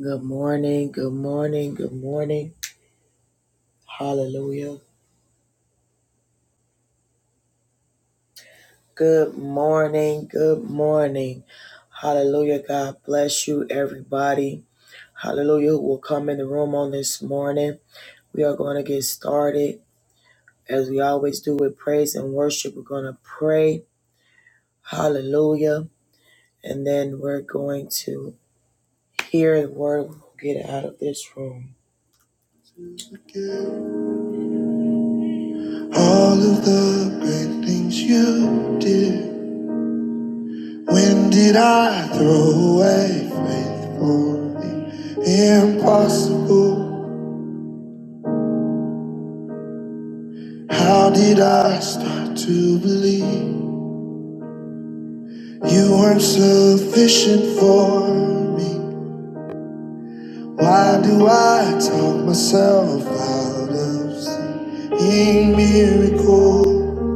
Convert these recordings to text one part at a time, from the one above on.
Good morning, good morning, good morning. Hallelujah. Good morning, good morning. Hallelujah. God bless you, everybody. Hallelujah. Who will come in the room on this morning? We are going to get started as we always do with praise and worship. We're going to pray. Hallelujah. And then we're going to hear the word. We'll get out of this room. All of the great things you did. When did I throw away faith for the impossible? How did I start to believe you weren't sufficient for me? Why do I talk myself out of seeing miracles?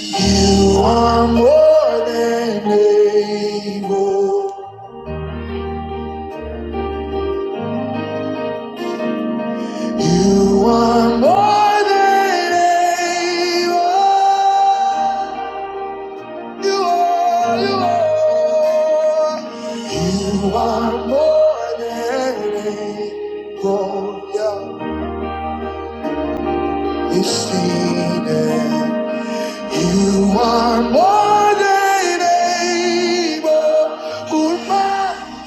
You are more than able. You are more than able. You are, you are, you are more than able. Yeah, you see that you are more than able. Who am I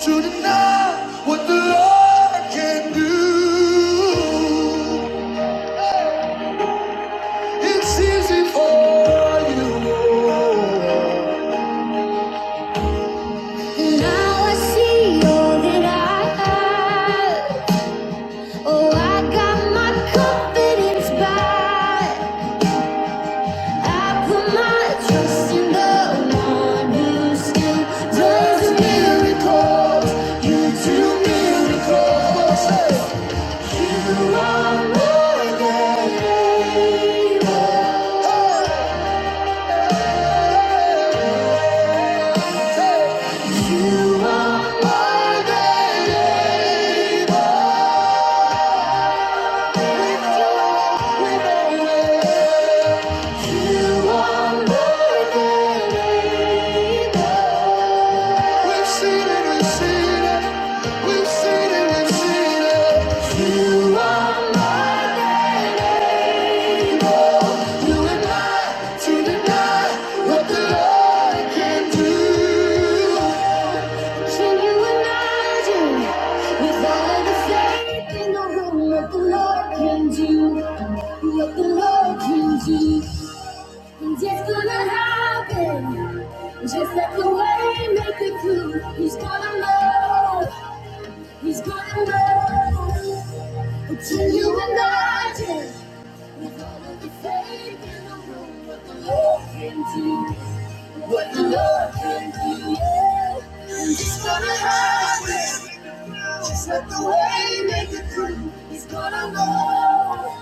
to deny what the Lord can do? It's easy for you. Now I see all that I have. Oh, I got my confidence back. I put my trust in miracles. You do miracles. You are more than able. You are more than able. You are more than We've seen it, we've seen it, we've seen it, we've seen it. You and I, to deny what the Lord can do. So you and with all of the faith in the room, what the Lord can do, what the Lord can do. It's gonna happen. Just let the way make the clue. He's gonna know. He's gonna know. Until you imagine. With all of the faith in the room, what the Lord can do. What the Lord can do. Yeah. It's gonna happen. Just let the way make the clue. He's gonna know.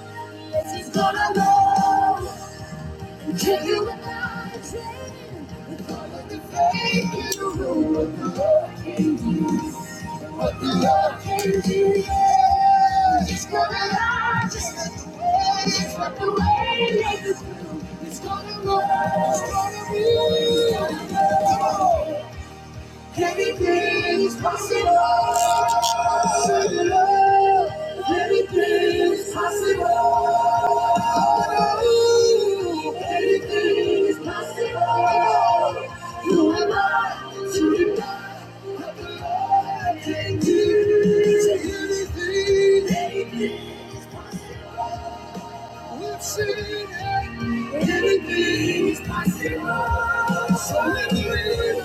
Yes, he's gonna know. Take you without a train, with all of the faith you know what the Lord can do, what the Lord can do. Yeah. It's gonna last, it's what the work. It's gonna last, it's gonna be. Anything is possible. Anything is possible. Anything is possible. You and I, to the God of the Lord, can do. Say anything. Anything. We'll see that anything is possible. So we believe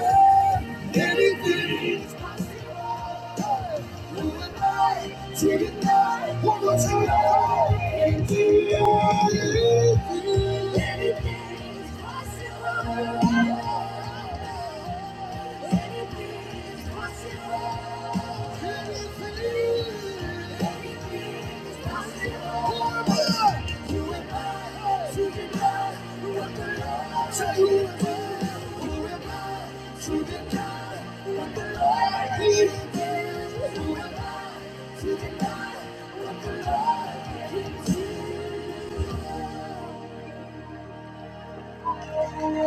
that anything is possible. Move it right to the night. One more time. And do Anything, anything is possible.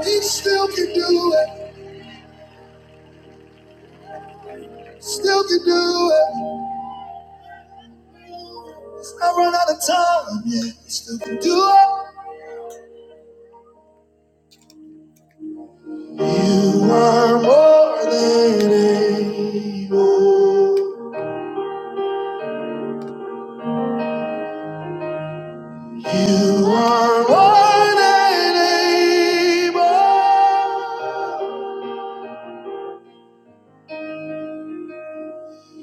He still can do it, still can do it. It's not run out of time, yet we still can do it. You are more than able. You are more than able.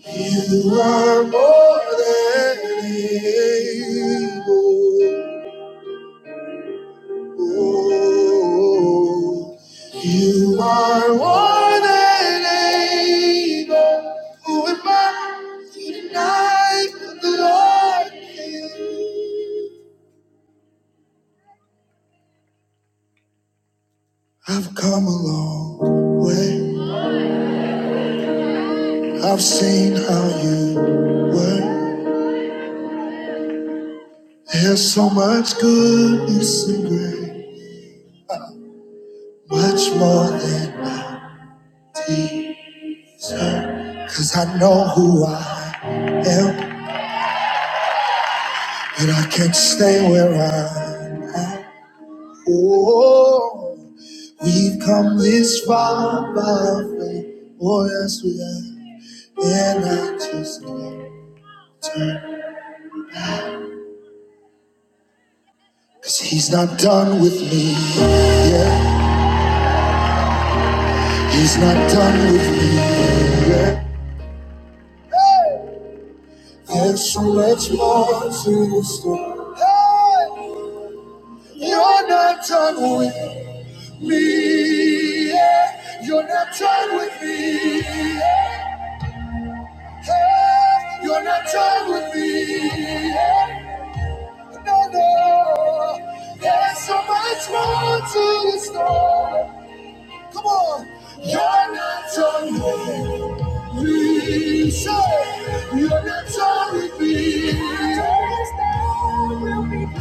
You are more than able. Ooh, You are more than able. Who am I to deny what the Lord is? I've come a long way. I've seen how you work. There's so much goodness and grace, much more than I deserve. 'Cause I know who I am, and I can't stay where I am. Oh, we've come this far by faith. Oh, yes, we have. And I just can't turn. Cause he's not done with me yet. He's not done with me yet. There's so much more to the story. Hey, you're not done with me. yet. You're not done with me. yet. Hey, you're not done with me. yet. no, no. There's so much more to the story. Come on. You're not done with me. Say, you're not done with me. You're not done with me.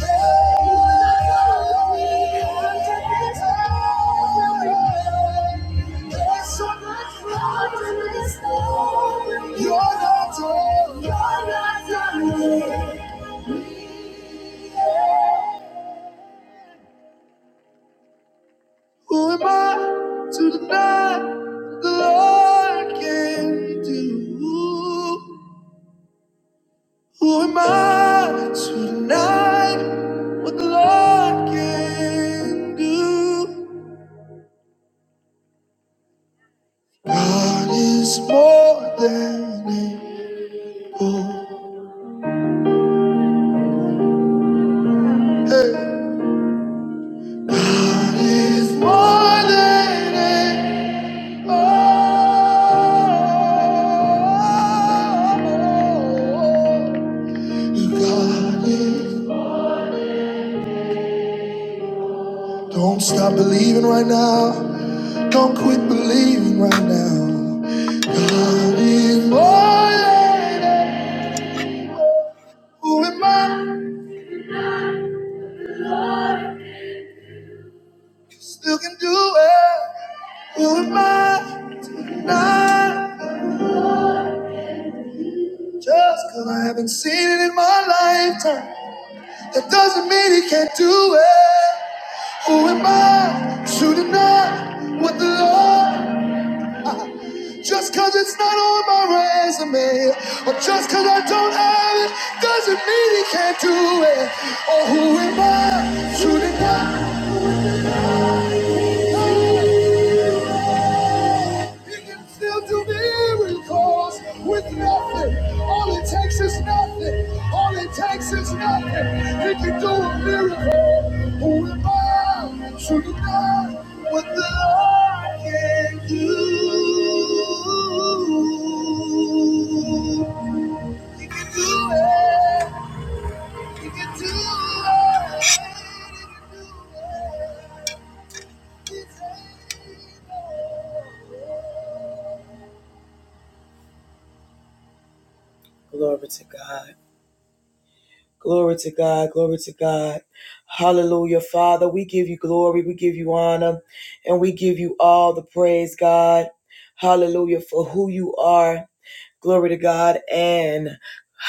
There's so much more to the story. You're not done. You're not done with me. Who am I to deny what the Lord can do? Who am I to deny what the Lord can do? God is more than able. Hey. God is more than able. God is Don't stop believing right now. Don't quit believing right now. God is more than- it. Who am I? Still can do it. Who am I to deny? Just because I haven't seen it in my lifetime, that doesn't mean he can't do it. Who am I to deny what the Lord? Just cause it's not on my resume, or just cause I don't have it, doesn't mean he can't do it. Or who am I to deny? He can still do miracles with nothing. All it takes is nothing. All it takes is nothing. He can do a miracle. Who am I to deny what the Lord can do? It. Glory to God. Glory to God. Glory to God. Hallelujah. Father, we give you glory. We give you honor. And we give you all the praise, God. Hallelujah. For who you are. Glory to God and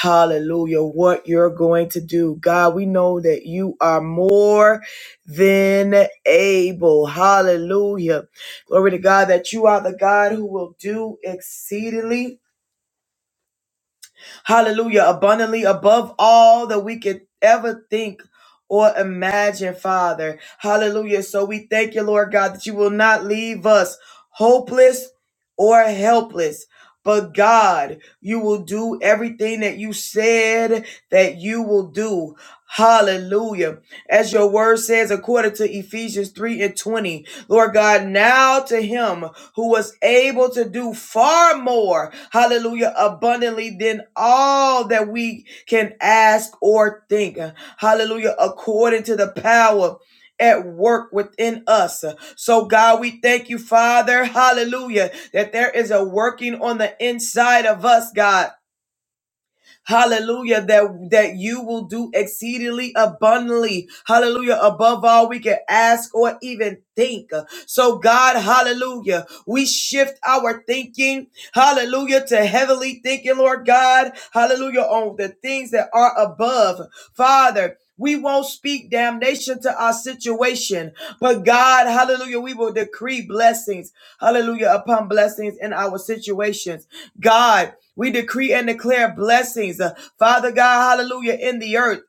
hallelujah. What you're going to do. God, we know that you are more than able. Hallelujah. Glory to God that you are the God who will do exceedingly Hallelujah. Abundantly above all that we could ever think or imagine, Father. Hallelujah. So we thank you, Lord God, that you will not leave us hopeless or helpless. But God, you will do everything that you said that you will do. Hallelujah. As your word says, according to Ephesians 3 and 20, Lord God, now to him who was able to do far more, hallelujah, abundantly than all that we can ask or think, hallelujah, according to the power at work within us. So, God, we thank you, Father, hallelujah, that there is a working on the inside of us, God hallelujah that that you will do exceedingly abundantly hallelujah above all we can ask or even think so god hallelujah we shift our thinking hallelujah to heavenly thinking lord god hallelujah on the things that are above father we won't speak damnation to our situation, but God, hallelujah, we will decree blessings, hallelujah, upon blessings in our situations. God, we decree and declare blessings, uh, Father God, hallelujah, in the earth.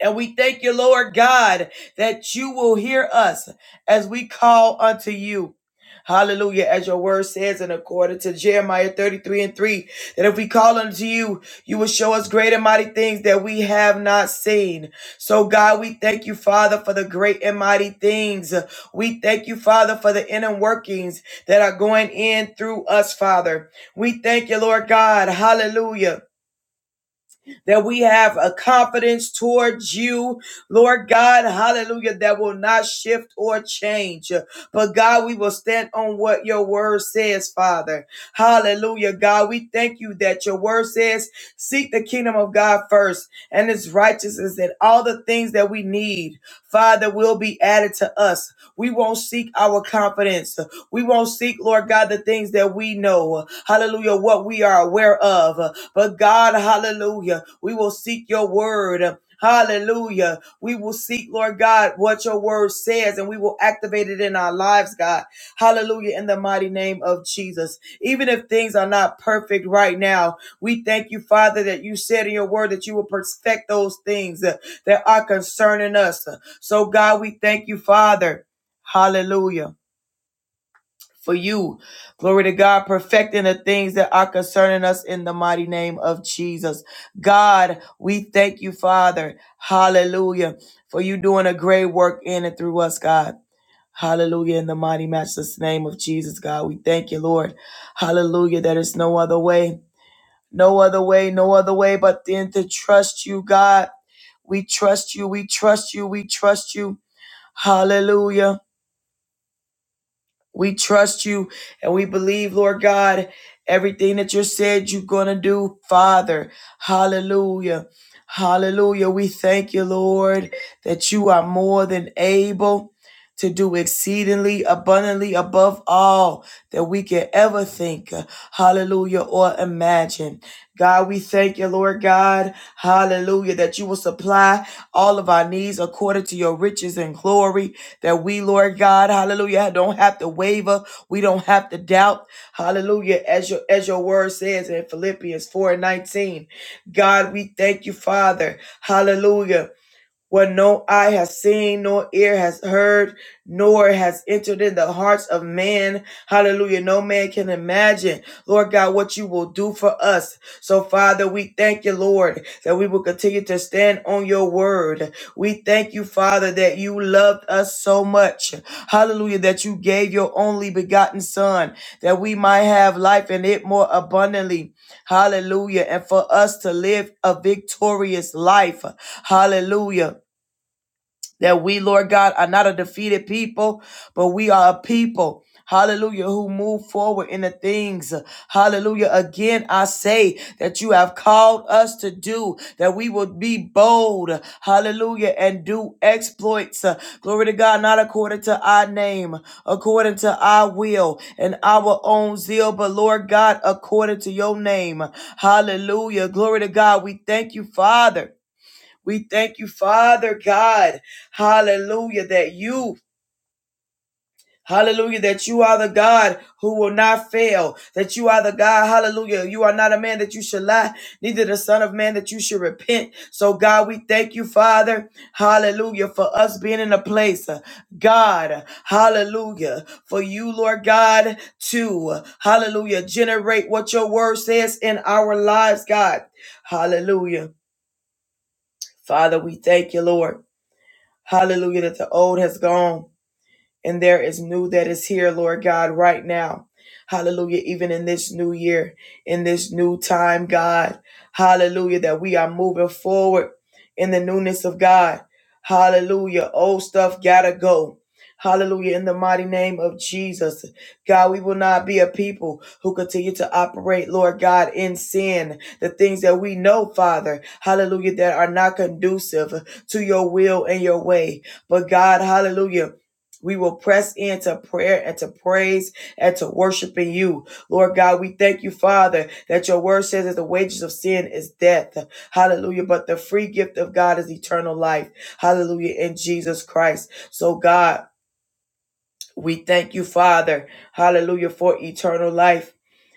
And we thank you, Lord God, that you will hear us as we call unto you. Hallelujah. As your word says, and according to Jeremiah 33 and 3, that if we call unto you, you will show us great and mighty things that we have not seen. So, God, we thank you, Father, for the great and mighty things. We thank you, Father, for the inner workings that are going in through us, Father. We thank you, Lord God. Hallelujah that we have a confidence towards you, Lord God, hallelujah, that will not shift or change. But God, we will stand on what your word says, Father. Hallelujah, God. We thank you that your word says, seek the kingdom of God first and his righteousness and all the things that we need, Father, will be added to us. We won't seek our confidence. We won't seek, Lord God, the things that we know. Hallelujah, what we are aware of. But God, hallelujah, we will seek your word. Hallelujah. We will seek, Lord God, what your word says, and we will activate it in our lives, God. Hallelujah, in the mighty name of Jesus. Even if things are not perfect right now, we thank you, Father, that you said in your word that you will perfect those things that, that are concerning us. So, God, we thank you, Father. Hallelujah for you. Glory to God, perfecting the things that are concerning us in the mighty name of Jesus. God, we thank you, Father. Hallelujah. For you doing a great work in and through us, God. Hallelujah. In the mighty, matchless name of Jesus, God. We thank you, Lord. Hallelujah. There is no other way, no other way, no other way but then to trust you, God. We trust you. We trust you. We trust you. Hallelujah. We trust you and we believe, Lord God, everything that you said you're going to do, Father. Hallelujah. Hallelujah. We thank you, Lord, that you are more than able to do exceedingly abundantly above all that we can ever think, hallelujah, or imagine. God, we thank you, Lord God, hallelujah, that you will supply all of our needs according to your riches and glory that we, Lord God, hallelujah, don't have to waver. We don't have to doubt. Hallelujah. As your as your word says in Philippians 4 and 19. God, we thank you, Father. Hallelujah what no eye has seen, nor ear has heard, nor has entered in the hearts of man. Hallelujah. No man can imagine, Lord God, what you will do for us. So, Father, we thank you, Lord, that we will continue to stand on your word. We thank you, Father, that you loved us so much. Hallelujah, that you gave your only begotten Son, that we might have life and it more abundantly. Hallelujah. And for us to live a victorious life. Hallelujah that we, Lord God, are not a defeated people, but we are a people. Hallelujah, who move forward in the things. Hallelujah. Again, I say that you have called us to do, that we will be bold. Hallelujah. And do exploits. Uh, Glory to God, not according to our name, according to our will and our own zeal, but Lord God, according to your name. Hallelujah. Glory to God. We thank you, Father. We thank you, Father God. Hallelujah, that you Hallelujah, that you are the God who will not fail, that you are the God, hallelujah. You are not a man that you should lie, neither the Son of Man that you should repent. So, God, we thank you, Father, hallelujah, for us being in a place, uh, God, hallelujah, for you, Lord God, to, uh, hallelujah, generate what your word says in our lives, God, hallelujah. Father, we thank you, Lord. Hallelujah, that the old has gone and there is new that is here, Lord God, right now. Hallelujah. Even in this new year, in this new time, God. Hallelujah. That we are moving forward in the newness of God. Hallelujah. Old stuff gotta go. Hallelujah. In the mighty name of Jesus. God, we will not be a people who continue to operate, Lord God, in sin. The things that we know, Father, hallelujah, that are not conducive to your will and your way. But God, hallelujah. We will press into prayer and to praise and to worshiping you. Lord God, we thank you, Father, that your word says that the wages of sin is death. Hallelujah. But the free gift of God is eternal life. Hallelujah. In Jesus Christ. So God, we thank you, Father, hallelujah, for eternal life.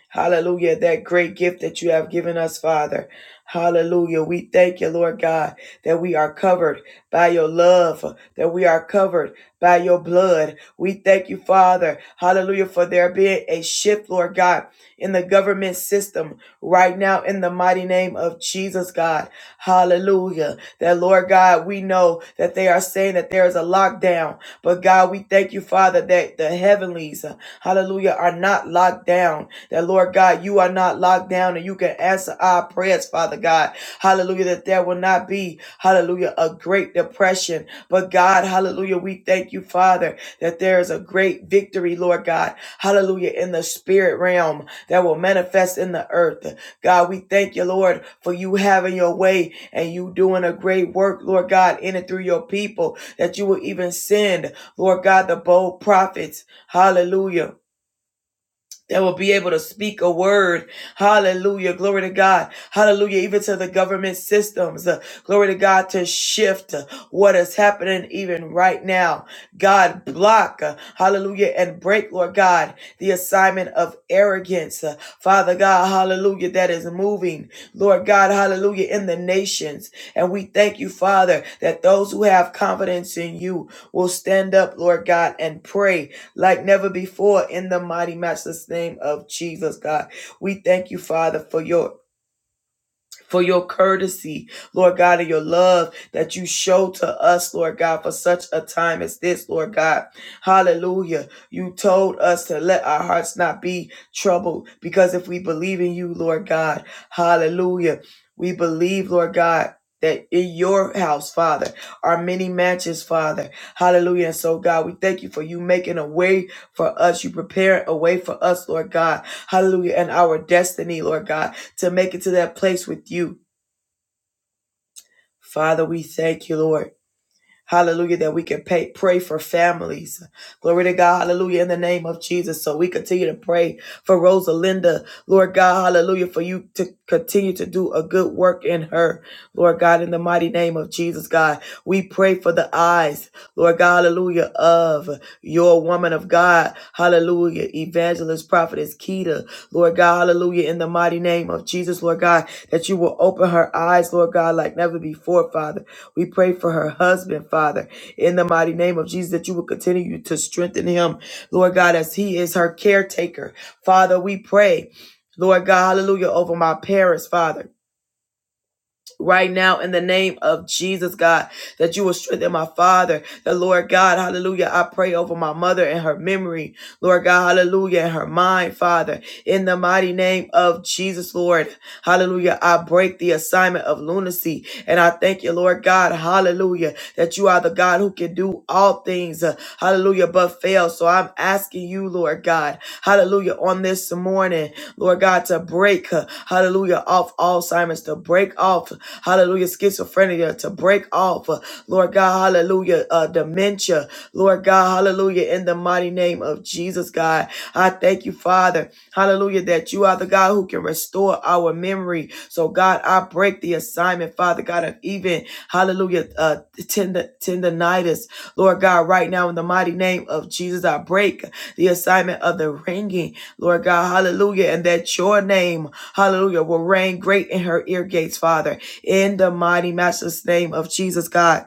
Hallelujah, that great gift that you have given us, Father. Hallelujah. We thank you, Lord God, that we are covered by your love, that we are covered by your blood. We thank you, Father. Hallelujah, for there being a shift, Lord God, in the government system right now in the mighty name of Jesus, God. Hallelujah. That, Lord God, we know that they are saying that there is a lockdown but God, we thank you, Father, that the heavenlies, uh, hallelujah, are not locked down. That, Lord God, you are not locked down and you can answer our prayers, Father God. Hallelujah, that there will not be, hallelujah, a great depression. But, God, hallelujah, we thank you, Father, that there is a great victory, Lord God. Hallelujah, in the spirit realm that will manifest in the earth. God, we thank you, Lord, for you having your way and you doing a great work, Lord God, in and through your people that you will even send. Lord God, the bold prophets, hallelujah, that will be able to speak a word. Hallelujah. Glory to God. Hallelujah. Even to the government systems. Uh, glory to God to shift uh, what is happening even right now. God block. uh, hallelujah. And break, Lord God, the assignment of arrogance. Uh, Father God. Hallelujah. That is moving. Lord God. Hallelujah. In the nations. And we thank you, Father, that those who have confidence in you will stand up, Lord God, and pray like never before in the mighty matchless name of Jesus, God. We thank you, Father, for your for your courtesy, Lord God, and your love that you show to us, Lord God, for such a time as this, Lord God. Hallelujah. You told us to let our hearts not be troubled because if we believe in you, Lord God, hallelujah, we believe, Lord God. That in your house, Father, are many matches, Father. Hallelujah. And so, God, we thank you for you making a way for us. You prepare a way for us, Lord God. Hallelujah. And our destiny, Lord God to make it to that place with you. Father, we thank you, Lord. Hallelujah, that we can pay, pray for families. Glory to God. Hallelujah. In the name of Jesus. So we continue to pray for Rosalinda. Lord God, hallelujah, for you to continue to do a good work in her. Lord God, in the mighty name of Jesus, God, we pray for the eyes, Lord God, hallelujah, of your woman of God. Hallelujah. Evangelist, prophetess Keita. Lord God, hallelujah, in the mighty name of Jesus, Lord God, that you will open her eyes, Lord God, like never before, Father. We pray for her husband, Father, in the mighty name of Jesus, that you will continue to strengthen him, Lord God, as he is her caretaker. Father, we pray. Lord God, hallelujah, over my parents, Father right now in the name of Jesus, God, that you will strengthen my father, the Lord God, hallelujah. I pray over my mother and her memory, Lord God, hallelujah, and her mind, Father, in the mighty name of Jesus, Lord, hallelujah. I break the assignment of lunacy, and I thank you, Lord God, hallelujah, that you are the God who can do all things, uh, hallelujah, but fail. So I'm asking you, Lord God, hallelujah, on this morning. Lord God, to break, uh, hallelujah, off Alzheimer's, to break off, hallelujah, schizophrenia, to break off, uh, Lord God, hallelujah, uh, dementia, Lord God, hallelujah, in the mighty name of Jesus, God. I thank you, Father, hallelujah, that you are the God who can restore our memory. So, God, I break the assignment, Father God, of even, hallelujah, uh, tendon- tendonitis, Lord God, right now, in the mighty name of Jesus, I break the assignment of the ringing. Lord God, hallelujah, and that your name, hallelujah, will reign great in her ear gates, Father, in the mighty, matchless name of Jesus, God.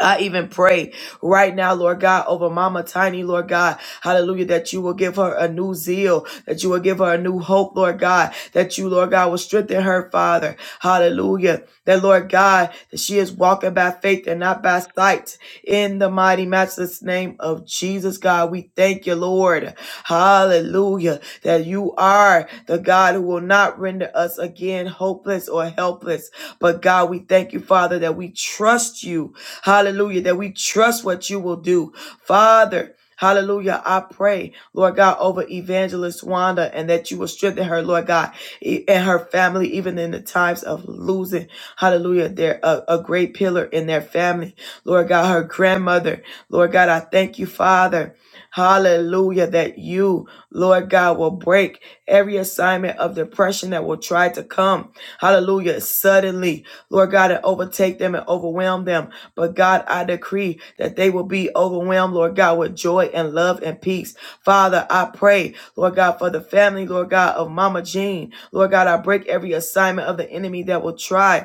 I even pray right now, Lord God, over Mama Tiny, Lord God, hallelujah, that you will give her a new zeal, that you will give her a new hope, Lord God, that you, Lord God, will strengthen her, Father, hallelujah, that, Lord God, that she is walking by faith and not by sight in the mighty, matchless name of Jesus, God. We thank you, Lord, hallelujah, that you are the God who will not render us again hopeless or helpless, but God, we thank you, Father, that we trust you. Hallelujah. That we trust what you will do. Father, Hallelujah. I pray, Lord God, over evangelist Wanda and that you will strengthen her, Lord God, e- and her family, even in the times of losing, hallelujah, they're a, a great pillar in their family. Lord God, her grandmother, Lord God, I thank you, Father. Hallelujah, that you, Lord God, will break every assignment of depression that will try to come. Hallelujah, suddenly, Lord God, and overtake them and overwhelm them. But God, I decree that they will be overwhelmed, Lord God, with joy and love and peace. Father, I pray, Lord God, for the family, Lord God, of Mama Jean. Lord God, I break every assignment of the enemy that will try.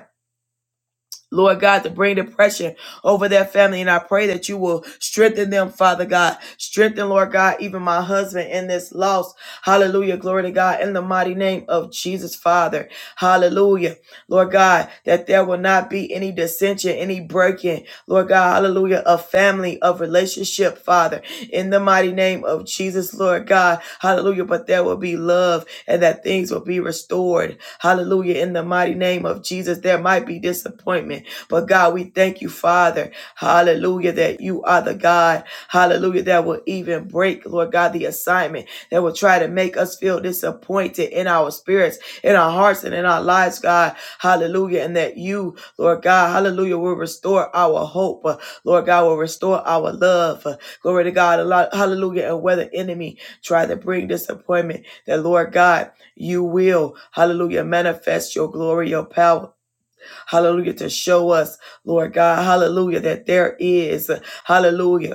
Lord God, to bring depression over their family. And I pray that you will strengthen them, Father God. Strengthen, Lord God, even my husband in this loss. Hallelujah. Glory to God. In the mighty name of Jesus, Father. Hallelujah. Lord God, that there will not be any dissension, any breaking. Lord God, hallelujah, of family, of relationship, Father. In the mighty name of Jesus, Lord God. Hallelujah. But there will be love and that things will be restored. Hallelujah. In the mighty name of Jesus, there might be disappointment but God, we thank you, Father. Hallelujah, that you are the God. Hallelujah, that will even break, Lord God, the assignment that will try to make us feel disappointed in our spirits, in our hearts, and in our lives, God. Hallelujah. And that you, Lord God, hallelujah, will restore our hope. Uh, Lord God, will restore our love. Uh, Glory to God. A lot- Hallelujah. And where the enemy try to bring disappointment, that Lord God, you will, hallelujah, manifest your glory, your power hallelujah, to show us, Lord God, hallelujah, that there is, hallelujah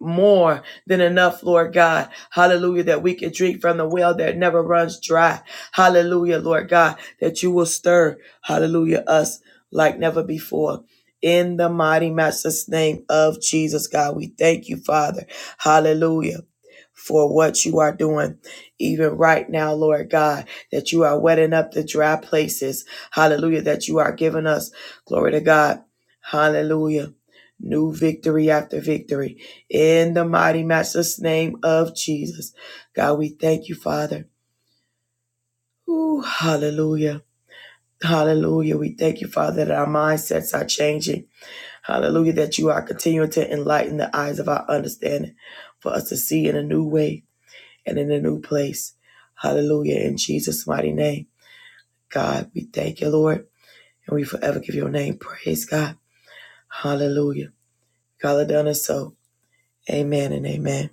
more than enough, Lord God. Hallelujah, that we can drink from the well that never runs dry. Hallelujah, Lord God, that you will stir, hallelujah, us like never before. In the mighty master's name of Jesus, God, we thank you, Father. Hallelujah. For what you are doing, even right now, Lord God, that you are wetting up the dry places. Hallelujah, that you are giving us, glory to God. Hallelujah, new victory after victory in the mighty master's name of Jesus. God, we thank you, Father. Ooh, hallelujah. Hallelujah. We thank you, Father, that our mindsets are changing. Hallelujah. That you are continuing to enlighten the eyes of our understanding for us to see in a new way and in a new place. Hallelujah. In Jesus' mighty name. God, we thank you, Lord, and we forever give your name praise, God. Hallelujah. God, it done is so. Amen and amen.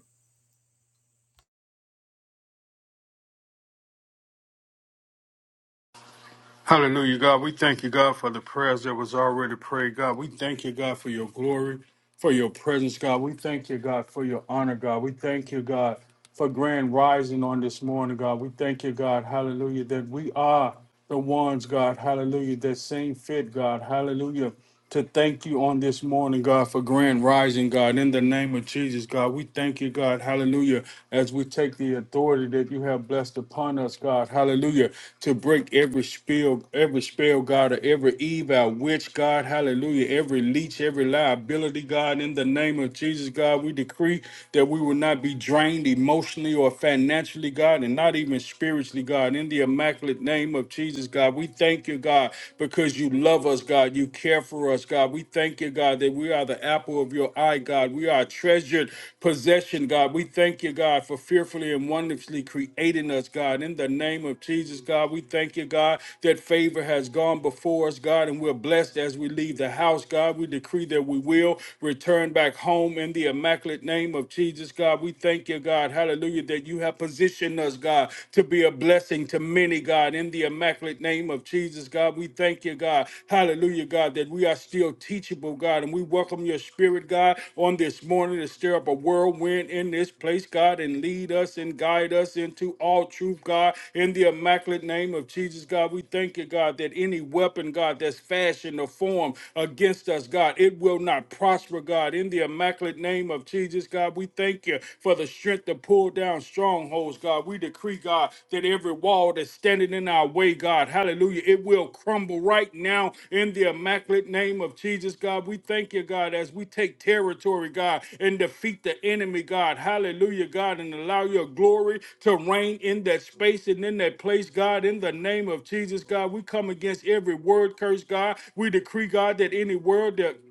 Hallelujah, God. We thank you, God, for the prayers that was already prayed. God, we thank you, God, for your glory for your presence, God. We thank you, God, for your honor, God. We thank you, God, for grand rising on this morning, God. We thank you, God, hallelujah, that we are the ones, God, hallelujah, that seem fit, God, hallelujah, to thank you on this morning, God, for grand rising, God, in the name of Jesus, God. We thank you, God, hallelujah, as we take the authority that you have blessed upon us, God, hallelujah, to break every spell, every spell, God, or every evil, witch, God, hallelujah, every leech, every liability ability, God, in the name of Jesus, God. We decree that we will not be drained emotionally or financially, God, and not even spiritually, God. In the immaculate name of Jesus, God, we thank you, God, because you love us, God. You care for us, God. We thank you, God, that we are the apple of your eye, God. We are a treasured possession, God. We thank you, God, for fearfully and wonderfully creating us, God. In the name of Jesus, God, we thank you, God, that favor has gone before us, God, and we're blessed as we leave the house, God. We decree that we will will return back home in the immaculate name of Jesus, God. We thank you, God. Hallelujah, that you have positioned us, God, to be a blessing to many, God, in the immaculate name of Jesus, God. We thank you, God. Hallelujah, God, that we are still teachable, God, and we welcome your spirit, God, on this morning to stir up a whirlwind in this place, God, and lead us and guide us into all truth, God, in the immaculate name of Jesus, God. We thank you, God, that any weapon, God, that's fashioned or formed against us, God, it will will not prosper, God. In the immaculate name of Jesus, God, we thank you for the strength to pull down strongholds, God. We decree, God, that every wall that's standing in our way, God, hallelujah, it will crumble right now in the immaculate name of Jesus, God. We thank you, God, as we take territory, God, and defeat the enemy, God. Hallelujah, God, and allow your glory to reign in that space and in that place, God. In the name of Jesus, God, we come against every word curse, God. We decree, God, that any word that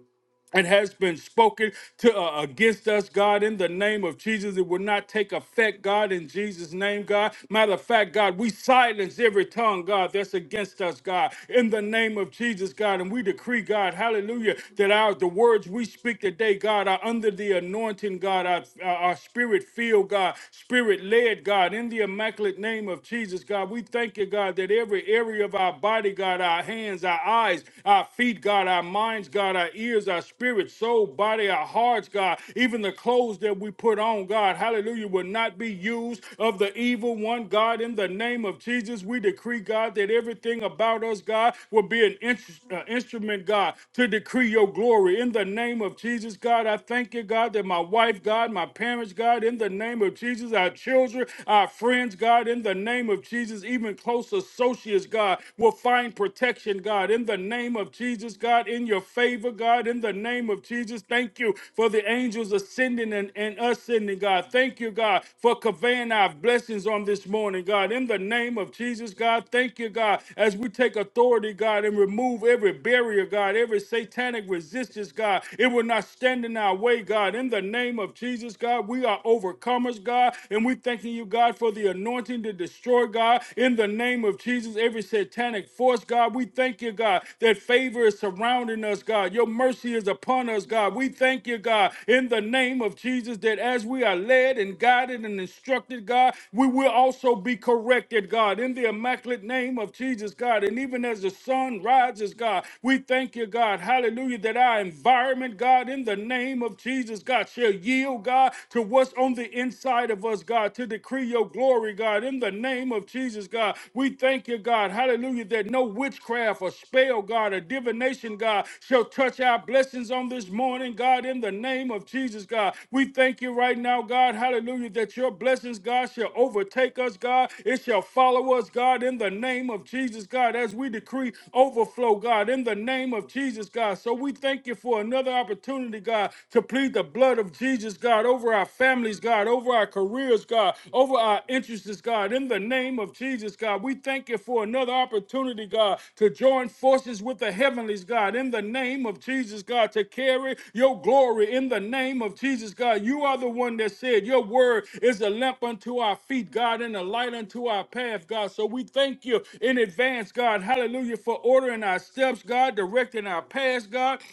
it has been spoken to uh, against us, God, in the name of Jesus. It will not take effect, God, in Jesus' name, God. Matter of fact, God, we silence every tongue, God, that's against us, God, in the name of Jesus, God. And we decree, God, hallelujah, that our the words we speak today, God, are under the anointing, God, our, our spirit filled, God, spirit led, God, in the immaculate name of Jesus, God. We thank you, God, that every area of our body, God, our hands, our eyes, our feet, God, our minds, God, our ears, our spirit, soul, body, our hearts, God, even the clothes that we put on, God, hallelujah, will not be used of the evil one, God. In the name of Jesus, we decree, God, that everything about us, God, will be an ins- uh, instrument, God, to decree your glory. In the name of Jesus, God, I thank you, God, that my wife, God, my parents, God, in the name of Jesus, our children, our friends, God, in the name of Jesus, even close associates, righteous, God, will find protection, God, in the name of Jesus, God, in your favor, God, in the name of Jesus. Thank you for the angels ascending and, and ascending, God. Thank you, God, for conveying our blessings on this morning, God, in the name of Jesus, God. Thank you, God, as we take authority, God, and remove every barrier, God, every satanic resistance, God. It will not stand in our way, God, in the name of Jesus, God. We are overcomers, God, and we thanking you, God, for the anointing to destroy, God, in the name of Jesus, every satanic force, God. We thank you, God, that favor is surrounding us, God. Your mercy is upon us, God. We thank you, God, in the name of Jesus, that as we are led and guided and instructed, God, we will also be corrected, God, in the immaculate name of Jesus, God. And even as the sun rises, God, we thank you, God, hallelujah, that our environment, God, in the name of Jesus, God, shall yield, God, to what's on the inside inside of us, God, to decree your glory, God, in the name of Jesus, God. We thank you, God, hallelujah, that no witchcraft or spell, God, or divination, God, shall touch our blessings on this morning, God, in the name of Jesus, God. We thank you right now, God, hallelujah, that your blessings, God, shall overtake us, God. It shall follow us, God, in the name of Jesus, God, as we decree overflow, God, in the name of Jesus, God. So we thank you for another opportunity, God, to plead the the blood of Jesus, God, over our families, God, over our careers, God, over our interests, God, in the name of Jesus, God. We thank you for another opportunity, God, to join forces with the heavenlies, God, in the name of Jesus, God, to carry your glory in the name of Jesus, God. You are the one that said your word is a lamp unto our feet, God, and a light unto our path, God. So we thank you in advance, God. Hallelujah for ordering our steps, God, directing our paths, God,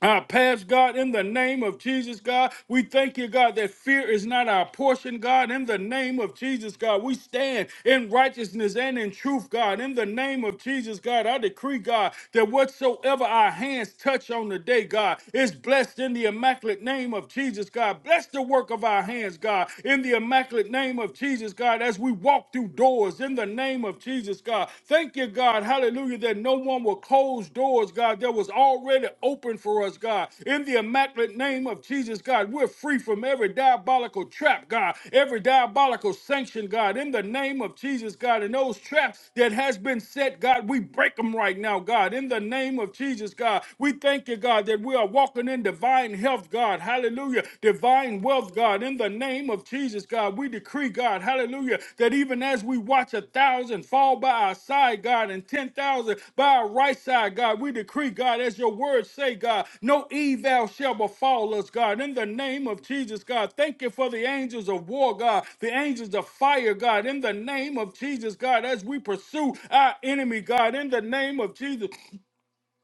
our past, God, in the name of Jesus, God, we thank you, God, that fear is not our portion, God. In the name of Jesus, God, we stand in righteousness and in truth, God. In the name of Jesus, God, I decree, God, that whatsoever our hands touch on the day, God, is blessed in the immaculate name of Jesus, God. Bless the work of our hands, God, in the immaculate name of Jesus, God, as we walk through doors, in the name of of Jesus, God. Thank you, God. Hallelujah. That no one will close doors, God, that was already open for us, God. In the immaculate name of Jesus, God, we're free from every diabolical trap, God, every diabolical sanction, God. In the name of Jesus, God, and those traps that has been set, God, we break them right now, God. In the name of Jesus, God, we thank you, God, that we are walking in divine health, God. Hallelujah. Divine divine wealth, God. In the name of Jesus, God, we decree, God, hallelujah, that even as we watch a thousand fall by our side, God, and 10,000 by our right side, God, we decree, God, as your words say, God, no evil shall befall us, God. In the name of Jesus, God, thank you for the angels of war, God, the angels of fire, God. In the name of Jesus, God, as we pursue our enemy, God, in the name of Jesus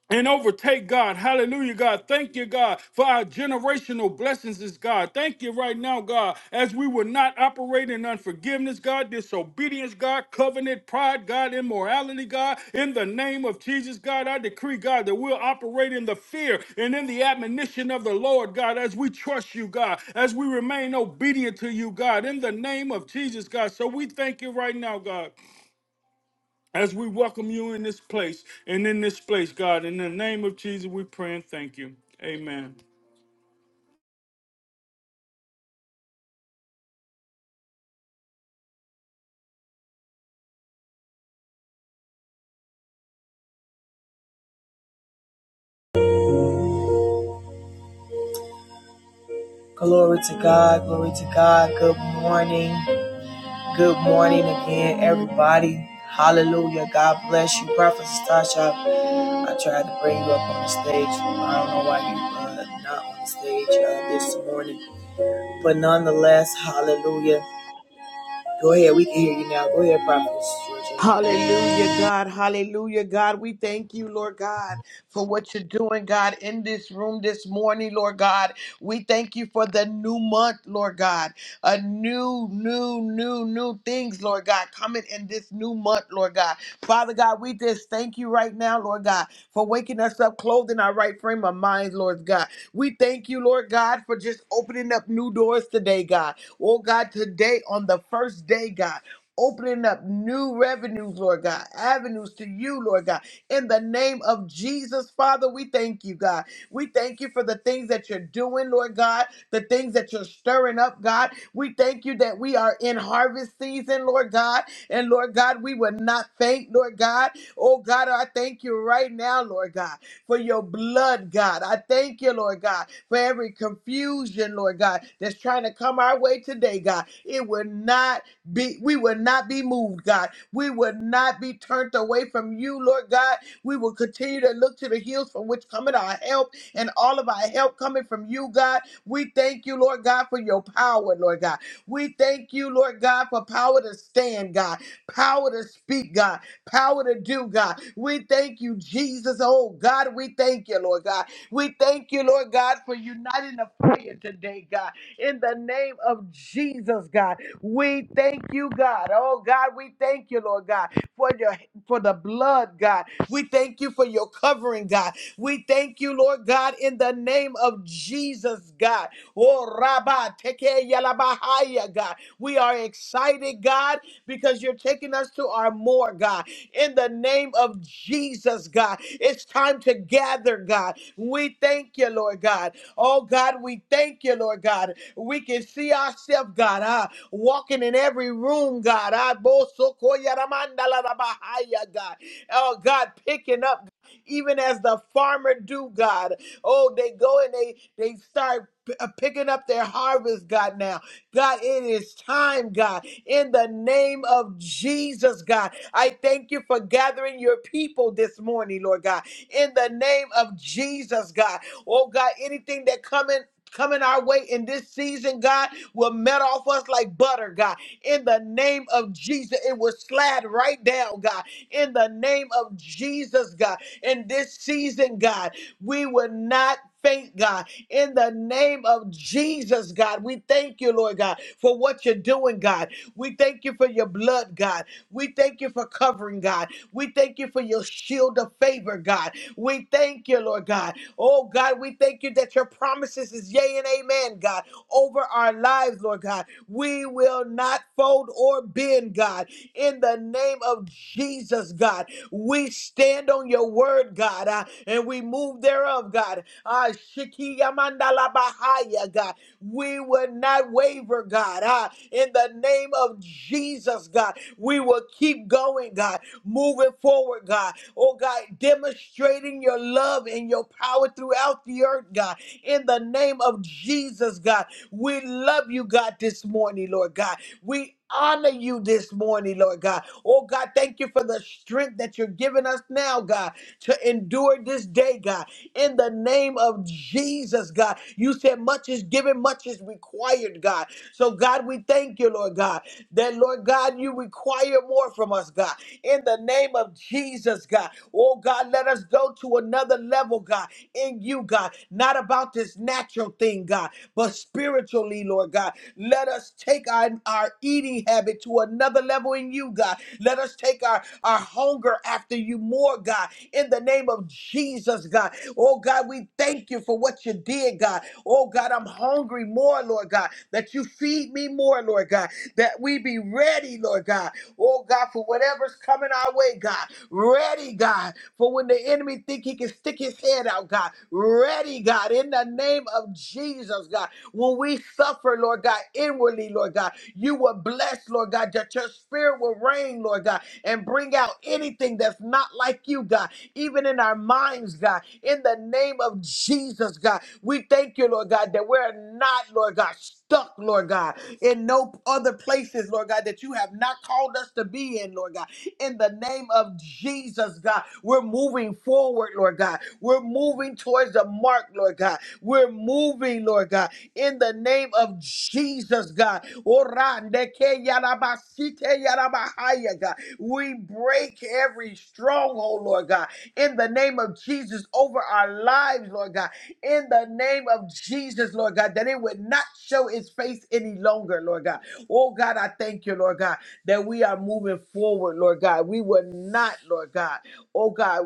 and overtake God. Hallelujah, God. Thank you, God, for our generational blessings, is God. Thank you right now, God, as we will not operate in unforgiveness, God, disobedience, God, covenant, pride, God, immorality, God. In the name of Jesus, God, I decree, God, that we'll operate in the fear and in the admonition of the Lord, God, as we trust you, God, as we remain obedient to you, God, in the name of Jesus, God. So we thank you right now, God. As we welcome you in this place and in this place, God, in the name of Jesus, we pray and thank you. Amen. Glory to God. Glory to God. Good morning. Good morning again, everybody. Hallelujah. God bless you. Prophetess Tasha, I tried to bring you up on the stage. I don't know why you uh, not on the stage uh, this morning. But nonetheless, hallelujah. Go ahead. We can hear you now. Go ahead, Prophetess Georgia. Hallelujah, God. Hallelujah, God. We thank you, Lord God, for what you're doing, God, in this room this morning, Lord God. We thank you for the new month, Lord God. A new, new, new, new things, Lord God, coming in this new month, Lord God. Father God, we just thank you right now, Lord God, for waking us up, clothing our right frame of minds, Lord God. We thank you, Lord God, for just opening up new doors today, God. Oh, God, today on the first day, God opening up new revenues, Lord God, avenues to you, Lord God. In the name of Jesus, Father, we thank you, God. We thank you for the things that you're doing, Lord God, the things that you're stirring up, God. We thank you that we are in harvest season, Lord God. And Lord God, we will not faint, Lord God. Oh God, I thank you right now, Lord God, for your blood, God. I thank you, Lord God, for every confusion, Lord God, that's trying to come our way today, God. It will not be we will not be moved, God. We will not be turned away from you, Lord God. We will continue to look to the hills from which cometh our help and all of our help coming from you, God. We thank you, Lord God, for your power, Lord God. We thank you, Lord God, for power to stand, God, power to speak, God, power to do, God. We thank you, Jesus. Oh, God, we thank you, Lord God. We thank you, Lord God, for uniting the prayer today, God. In the name of Jesus, God. We thank you, God. Oh God, we thank you, Lord God, for your for the blood, God. We thank you for your covering, God. We thank you, Lord God, in the name of Jesus, God. Oh Rabba, teke yalabahaya, God. We are excited, God, because you're taking us to our more, God. In the name of Jesus, God. It's time to gather, God. We thank you, Lord God. Oh God, we thank you, Lord God. We can see ourselves, God. Ah walking in every room, God. I bo so ko ya ra manda la ra ba ha ya, God. Oh, God, picking up even as the farmer do, God. Oh, they go and they they start p- uh, picking up their harvest, God. Now, God, it is time, God. In the name of Jesus, God, I thank you for gathering your people this morning, Lord God. In the name of Jesus, God. Oh God, anything that coming coming our way in this season, God, will melt off us like butter, God. In the name of Jesus, it will slide right down, God. In the name of Jesus, God. In this season, God, we will not faint, God. In the name of Jesus, God, we thank you, Lord God, for what you're doing, God. We thank you for your blood, God. We thank you for covering, God. We thank you for your shield of favor, God. We thank you, Lord God. Oh God, we thank you that your promises is yea and amen, God, over our lives, Lord God. We will not fold or bend, God. In the name of Jesus, God, we stand on your word, God, uh, and we move thereof, God. Ah, Shiki Yamandala Bahaya, God. We will not waver, God. Ah, in the name of Jesus, God, we will keep going, God, moving forward, God. Oh, God, demonstrating your love and your power throughout the earth, God. In the name of Jesus, God, we love you, God, this morning, Lord God. We honor you this morning, Lord God. Oh, God, thank you for the strength that you're giving us now, God, to endure this day, God in the name of Jesus, God. You said much is given, much is required, God. So, God, we thank you, Lord God, that, Lord God, you require more from us, God. In the name of Jesus, God. Oh, God, let us go to another level, God, in you, God. Not about this natural thing, God, but spiritually, Lord God. Let us take our, our eating habit to another level in you, God. Let us take our, our hunger after you more, God, in the name of Jesus, God. Oh, God, we thank you for what you did, God. Oh, God, I'm hungry more, Lord God, that you feed me more, Lord God, that we be ready, Lord God. Oh, God, for whatever's coming our way, God. Ready, God, for when the enemy think he can stick his head out, God. Ready, God, in the name of Jesus, God. When we suffer, Lord God, inwardly, Lord God, you will bless, Lord God, that your spirit will reign, Lord God, and bring out anything that's not like you, God, even in our minds, God. In the name of Jesus, God, we thank you, Lord God, that we're not, Lord God, stuck, Lord God, in no other places, Lord God, that you have not called us to be in, Lord God. In the name of Jesus, God, we're moving forward, Lord God. We're moving towards the mark, Lord God. We're moving, Lord God in the name of Jesus, God. Orandeke yarabasite yarabahaya, God. We break every stronghold, Lord God, in the name of Jesus over our lives, Lord God, in the name of Jesus, Lord God, that it would not show its face any longer, Lord God. Oh, God, I thank you, Lord God, that we are moving forward, Lord God. We will not, Lord God, oh, God,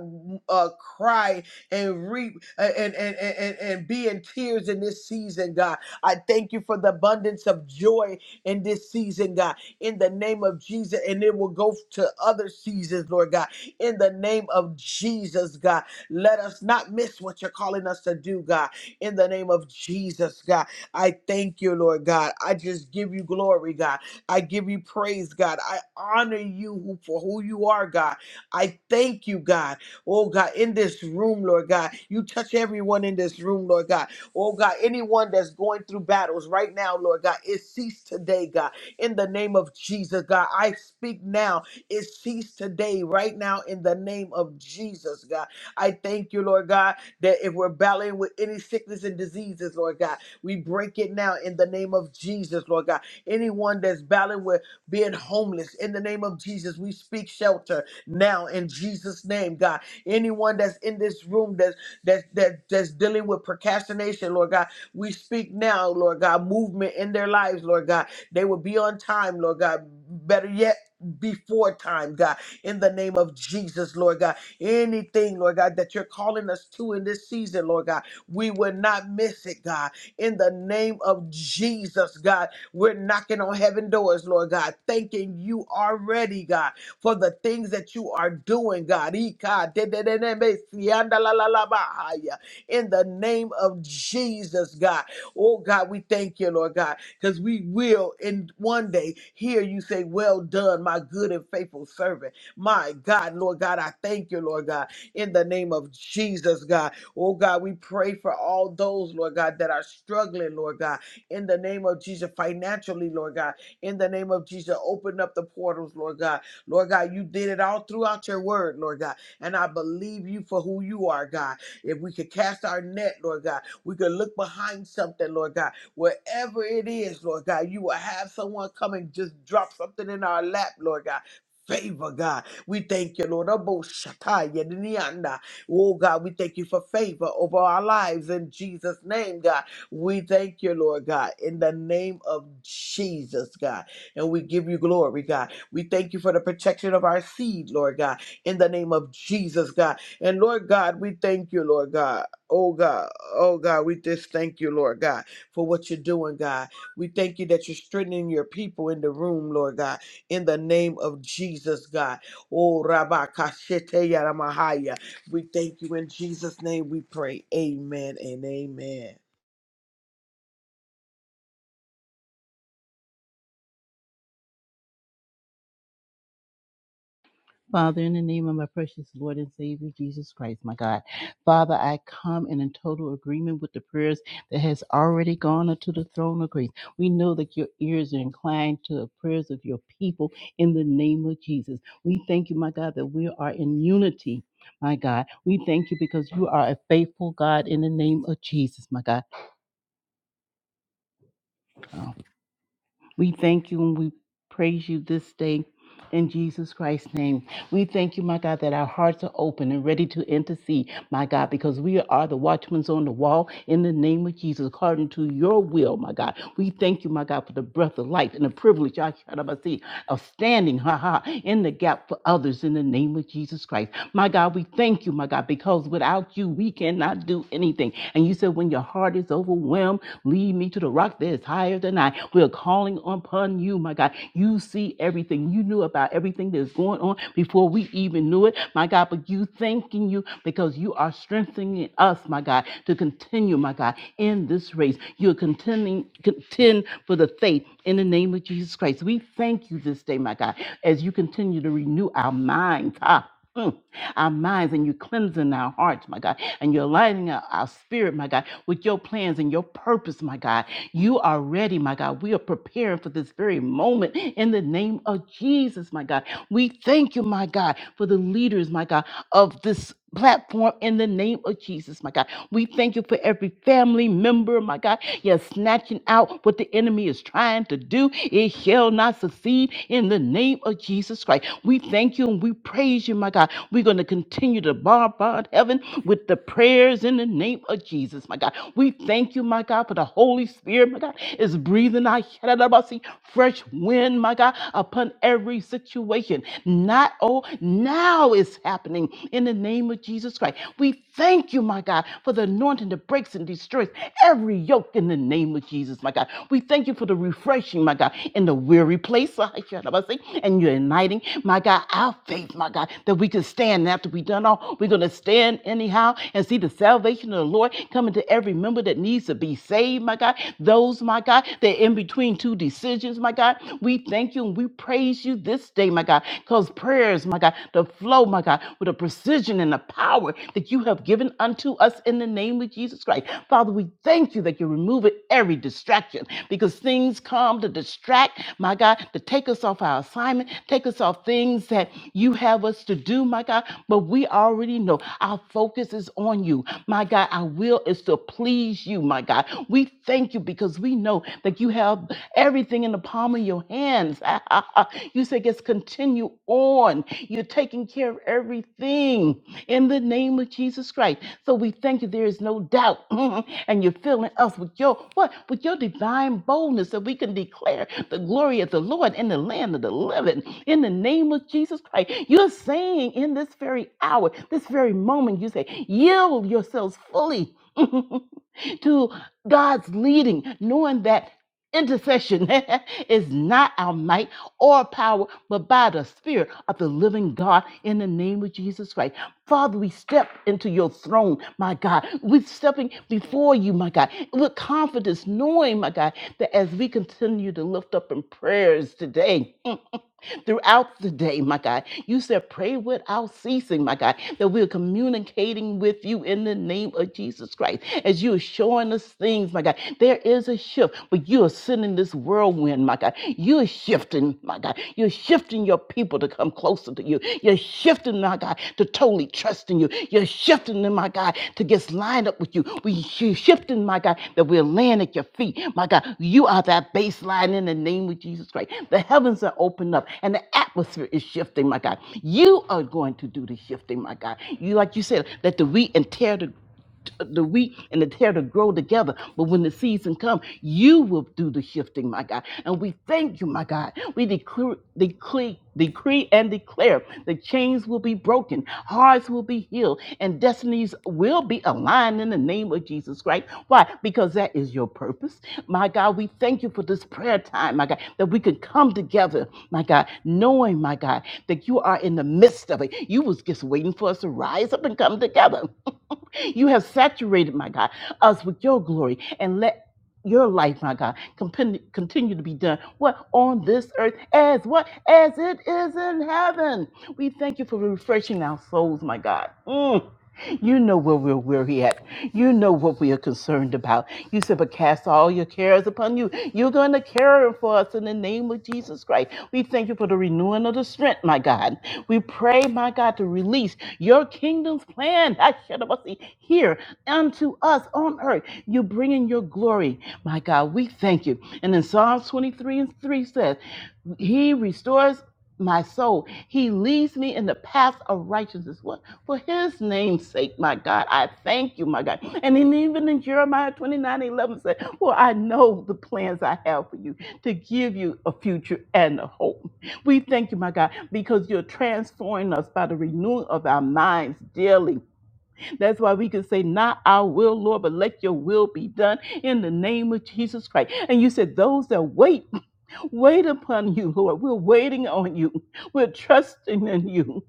uh, cry and reap uh, and, and, and, and, and be in tears in this season, God. I thank you for the abundance of joy in this season, God, in the name of Jesus. And it will go to other seasons, Lord God, in the name of Jesus, God. Let us not miss what you're calling us to do, God, in the name of Jesus, God. I thank you, Lord God. I just give you glory, God. I give you praise, God. I honor you who- for who you are, God. I thank you, God. Oh, God, in this room, Lord God. You touch everyone in this room, Lord God. Oh God, anyone that's going through battles right now, Lord God, it cease today, God. In the name of Jesus, God, I speak now. It cease today, right now, in the name of Jesus, God. I thank you, Lord God, that if we're battling with any sickness and diseases, Lord God, we break it now in the name of Jesus, Lord God. Anyone that's battling with being homeless, in the name of Jesus, we speak shelter now in Jesus' name, God. Anyone that's in this room that's that, that that's dealing with procrastination, Lord God. We speak now, Lord God, movement in their lives, Lord God. They will be on time, Lord God. Better yet, before time, God, in the name of Jesus, Lord God. Anything, Lord God, that you're calling us to in this season, Lord God, we will not miss it, God. In the name of Jesus, God, we're knocking on heaven doors, Lord God, thanking you already, God for the things that you are doing, God. Ika de- de- de- de- me- sianda la- la- la- bahaya. In the name of Jesus, God. Oh, God, we thank you, Lord God, because we will in one day hear you say, Well done, my good and faithful servant. My God, Lord God, I thank you, Lord God, in the name of Jesus, God. Oh, God, we pray for all those, Lord God, that are struggling, Lord God, in the name of Jesus, financially, Lord God, in the name of Jesus, open up the portals, Lord God Lord God, you did it all throughout your word, Lord God. And I believe you for who you are, God. If we could cast our net, Lord God, we could look behind something, Lord God. Wherever it is, Lord God, you will have someone come and just drop something in our lap, Lord God. Favor, God. We thank you, Lord. Abo shatai yedinianda. Oh, God, we thank you for favor over our lives in Jesus' name, God. We thank you, Lord God, in the name of Jesus, God. And we give you glory, God. We thank you for the protection of our seed, Lord God, in the name of Jesus, God. And Lord God, we thank you, Lord God. Oh God, oh God, we just thank you, Lord God, for what you're doing, God. We thank you that you're strengthening your people in the room, Lord God, in the name of Jesus, God. Oh Rabba Kashete Yaramahaya. We thank you in Jesus' name we pray. Amen and amen. Father, in the name of my precious Lord and Savior Jesus Christ, my God, Father, I come in a total agreement with the prayers that has already gone unto the throne of grace. We know that your ears are inclined to the prayers of your people in the name of Jesus. We thank you, my God, that we are in unity. My God, we thank you because you are a faithful God in the name of Jesus, my God. We thank you and we praise you this day in Jesus Christ's name. We thank you, my God, that our hearts are open and ready to intercede my God, because we are the watchmen on the wall in the name of Jesus, according to your will, my God. We thank you, my God, for the breath of life and the privilege I shout out, see, of standing, ha ha, in the gap for others in the name of Jesus Christ. My God, we thank you, my God, because without you, we cannot do anything. And you said, when your heart is overwhelmed, lead me to the rock that is higher than I. We are calling upon you, my God. You see everything. You knew about everything that's going on before we even knew it my God, but you thanking you because you are strengthening us, my God, to continue, my God, in this race. You're contending, contend for the faith in the name of Jesus Christ. We thank you this day, my God, as you continue to renew our minds. Ah, mm, our minds and you cleansing our hearts, my God, and you're lighting our, our spirit, my God, with your plans and your purpose, my God. You are ready, my God. We are preparing for this very moment in the name of Jesus, my God. We thank you, my God, for the leaders, my God, of this platform in the name of Jesus, my God. We thank you for every family member, my God. You're snatching out what the enemy is trying to do. It shall not succeed in the name of Jesus Christ. We thank you and we praise you, my God. We're going to continue to bombard heaven with the prayers in the name of Jesus, my God. We thank you, my God, for the Holy Spirit, my God, is breathing out fresh wind, my God, upon every situation. Not, oh, now it's happening in the name of Jesus Christ. We thank you, my God, for the anointing that breaks and destroys every yoke in the name of Jesus, my God. We thank you for the refreshing, my God, in the weary place, I shall never say, and you're igniting, my God, our faith, my God, that we can stand after we've done all. We're going to stand anyhow and see the salvation of the Lord coming to every member that needs to be saved, my God. Those, my God, that in between between two decisions, my God. We thank you and we praise you this day, my God, because prayers, my God, the flow, my God, with the precision and the power that you have given unto us in the name of Jesus Christ. Father, we thank you that you're removing every distraction because things come to distract, my God, to take us off our assignment, take us off things that you have us to do, my God. But we already know our focus is on you, my God. Our will is to please you, my God. We thank you because we know that you have everything in the palm of your hands. you say, just continue on. You're taking care of everything in the name of Jesus Christ. So we thank you. There is no doubt. and you're filling us with your what? With your divine boldness that we can declare the glory of the Lord in the land of the living. In the name of Jesus Christ. You're saying in this very hour, this very moment, you say, yield yourselves fully. to God's leading, knowing that intercession is not our might or power, but by the Spirit of the living God in the name of Jesus Christ. Father, we step into your throne, my God. We're stepping before you, my God, with confidence, knowing, my God, that as we continue to lift up in prayers today, mm, throughout the day, my God. You said, pray without ceasing, my God, that we're communicating with you in the name of Jesus Christ as you're showing us things, my God. There is a shift, but you are sending this whirlwind, my God. You're shifting, my God. You're shifting your people to come closer to you. You're shifting, my God God, to totally trust in you. You're shifting them, my God, to just line up with you. We you shifting, my God, that we're laying at your feet. My God, you are that baseline in the name of Jesus Christ. The heavens are opened up and the atmosphere is shifting, my God. You are going to do the shifting, my God. You like you said, that the wheat and tear the the wheat and the tear to grow together. But when the season comes, you will do the shifting, my God. And we thank you, my God. We declare, decree, decree and declare the chains will be broken, hearts will be healed, and destinies will be aligned in the name of Jesus Christ. Why? Because that is your purpose. My God, we thank you for this prayer time, my God, that we can come together, my my God, knowing, my God, that you are in the midst of it. You was just waiting for us to rise up and come together. you have saturated, my God, us with your glory and let your life, my God, compen- continue to be done. What on this earth as what as it is in heaven. We thank you for refreshing our souls, my God. Mm. You know where we're weary at. You know what we are concerned about. You said, but cast all your cares upon you. You're going to care for us in the name of Jesus Christ. We thank you for the renewing of the strength, my God. We pray, my God, to release your kingdom's plan I should have seen, here unto us on earth. You're bringing your glory, my God. We thank you. And in Psalms 23 and 3 says, He restores my soul. He leads me in the path of righteousness for his name's sake, my God, I thank you, my God. And then even in Jeremiah 29 11 said, For I know the plans I have for you to give you a future and a hope. We thank you, my God, because you're transforming us by the renewing of our minds daily. That's why we can say, Not our will, Lord, but let your will be done in the name of Jesus Christ. And you said, Those that wait, wait upon you, Lord. We're waiting on you, we're trusting in you.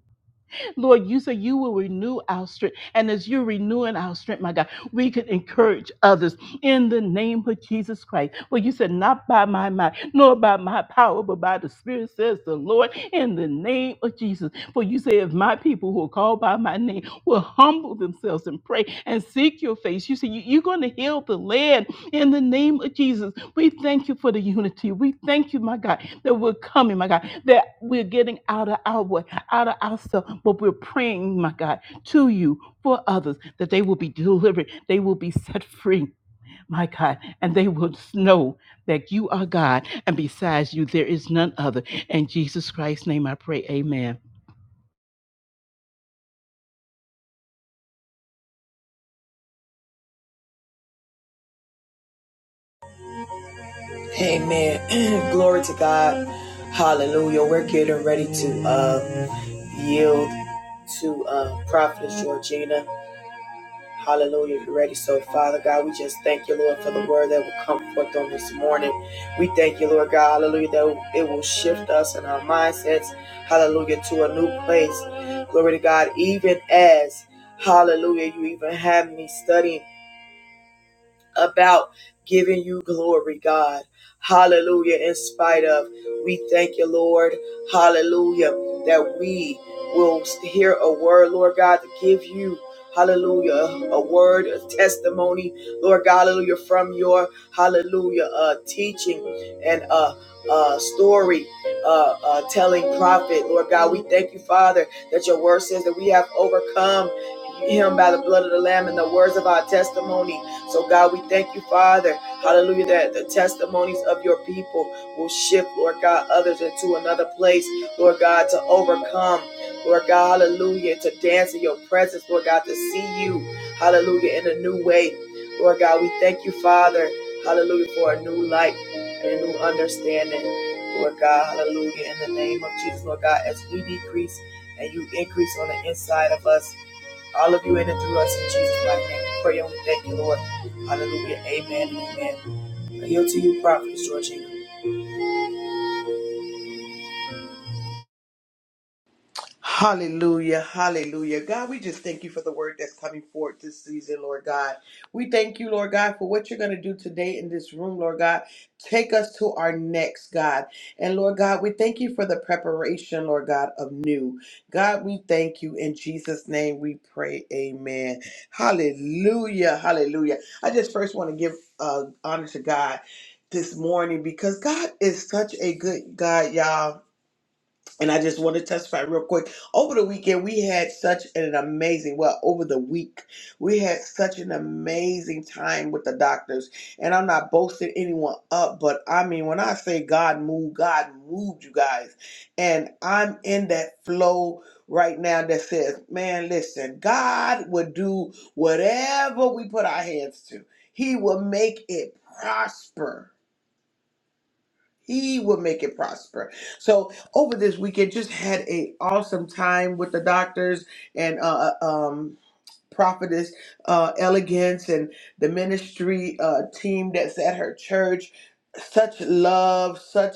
Lord, you say you will renew our strength. And as you're renewing our strength, my God, we can encourage others in the name of Jesus Christ. Well, you said, not by my might, nor by my power, but by the Spirit, says the Lord, in the name of Jesus. For you say, if my people who are called by my name will humble themselves and pray and seek your face, you say, you- you're going to heal the land in the name of Jesus. We thank you for the unity. We thank you, my God, that we're coming, my God, that we're getting out of our way, out of ourselves, but we're praying, my God, to you for others that they will be delivered, they will be set free. My God, and they will know that you are God, and besides you, there is none other. In Jesus Christ's name, I pray, Amen. Amen. Glory to God. Hallelujah. We're getting ready to uh, yield to uh, Prophet Georgina. Hallelujah. If you're ready, so Father God, we just thank you, Lord, for the word that will come forth on this morning. We thank you, Lord God, hallelujah, that it will shift us and our mindsets, hallelujah, to a new place. Glory to God, even as, hallelujah, you even have me studying about giving you glory, God. Hallelujah. In spite of, we thank you, Lord. Hallelujah. That we will hear a word, Lord God, to give you. Hallelujah. A word, a testimony, Lord God, hallelujah, from your hallelujah uh, teaching and uh, uh, story uh, uh, telling prophet. Lord God, we thank you, Father, that your word says that we have overcome him by the blood of the Lamb and the words of our testimony. So, God, we thank you, Father. Hallelujah, that the testimonies of your people will shift, Lord God, others into another place, Lord God, to overcome, Lord God, hallelujah, to dance in your presence, Lord God, to see you, hallelujah, in a new way. Lord God, we thank you, Father, hallelujah, for a new light and a new understanding. Lord God, hallelujah, in the name of Jesus, Lord God, as we decrease and you increase on the inside of us all of you in and through us in Jesus' mighty name. We Pray on thank you, Lord. Hallelujah. Amen and amen. I yield to you, Prophet Georgina. Hallelujah, hallelujah. God, we just thank you for the word that's coming forth this season, Lord God. We thank you, Lord God, for what you're going to do today in this room, Lord God. Take us to our next, God. And Lord God, we thank you for the preparation, Lord God, of new. God, we thank you. In Jesus' name we pray, amen. Hallelujah, hallelujah. I just first want to give uh, honor to God this morning because God is such a good God, y'all and I just want to testify real quick. Over the weekend, we had such an amazing, well, over the week, we had such an amazing time with the doctors. And I'm not boasting anyone up, but I mean, when I say God moved, God moved you guys. And I'm in that flow right now that says, man, listen, God would do whatever we put our hands to, He will make it prosper he will make it prosper. So over this weekend, just had a awesome time with the doctors and uh, uh, um prophetess uh, elegance and the ministry uh, team that's at her church such love such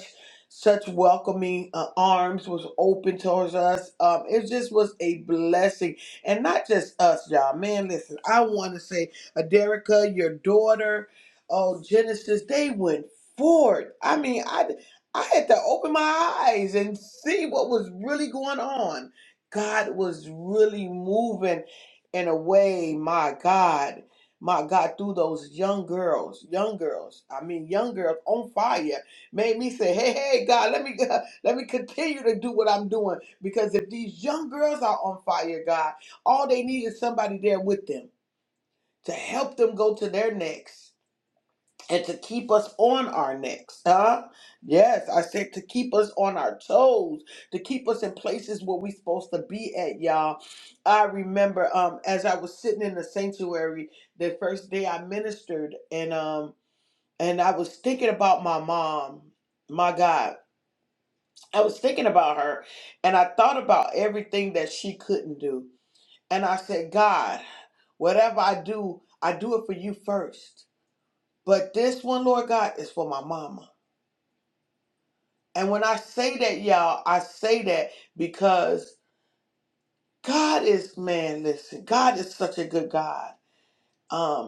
such welcoming uh, arms was open towards us um, it just was a blessing and not just us y'all man listen i want to say aderica your daughter oh genesis they went forward i mean i i had to open my eyes and see what was really going on god was really moving in a way, my God, my God, through those young girls, young girls, I mean, young girls on fire, made me say, hey, hey, God, let me let me continue to do what I'm doing because if these young girls are on fire, God, all they need is somebody there with them to help them go to their next and to keep us on our necks, huh? Yes, I said to keep us on our toes, to keep us in places where we supposed to be at, y'all. I remember um as I was sitting in the sanctuary the first day I ministered and um and I was thinking about my mom. My God, I was thinking about her and I thought about everything that she couldn't do. And I said, God, whatever I do, I do it for you first. But this one, Lord God, is for my mama. And when I say that, y'all, I say that because God is man, listen, God is such a good God. Um,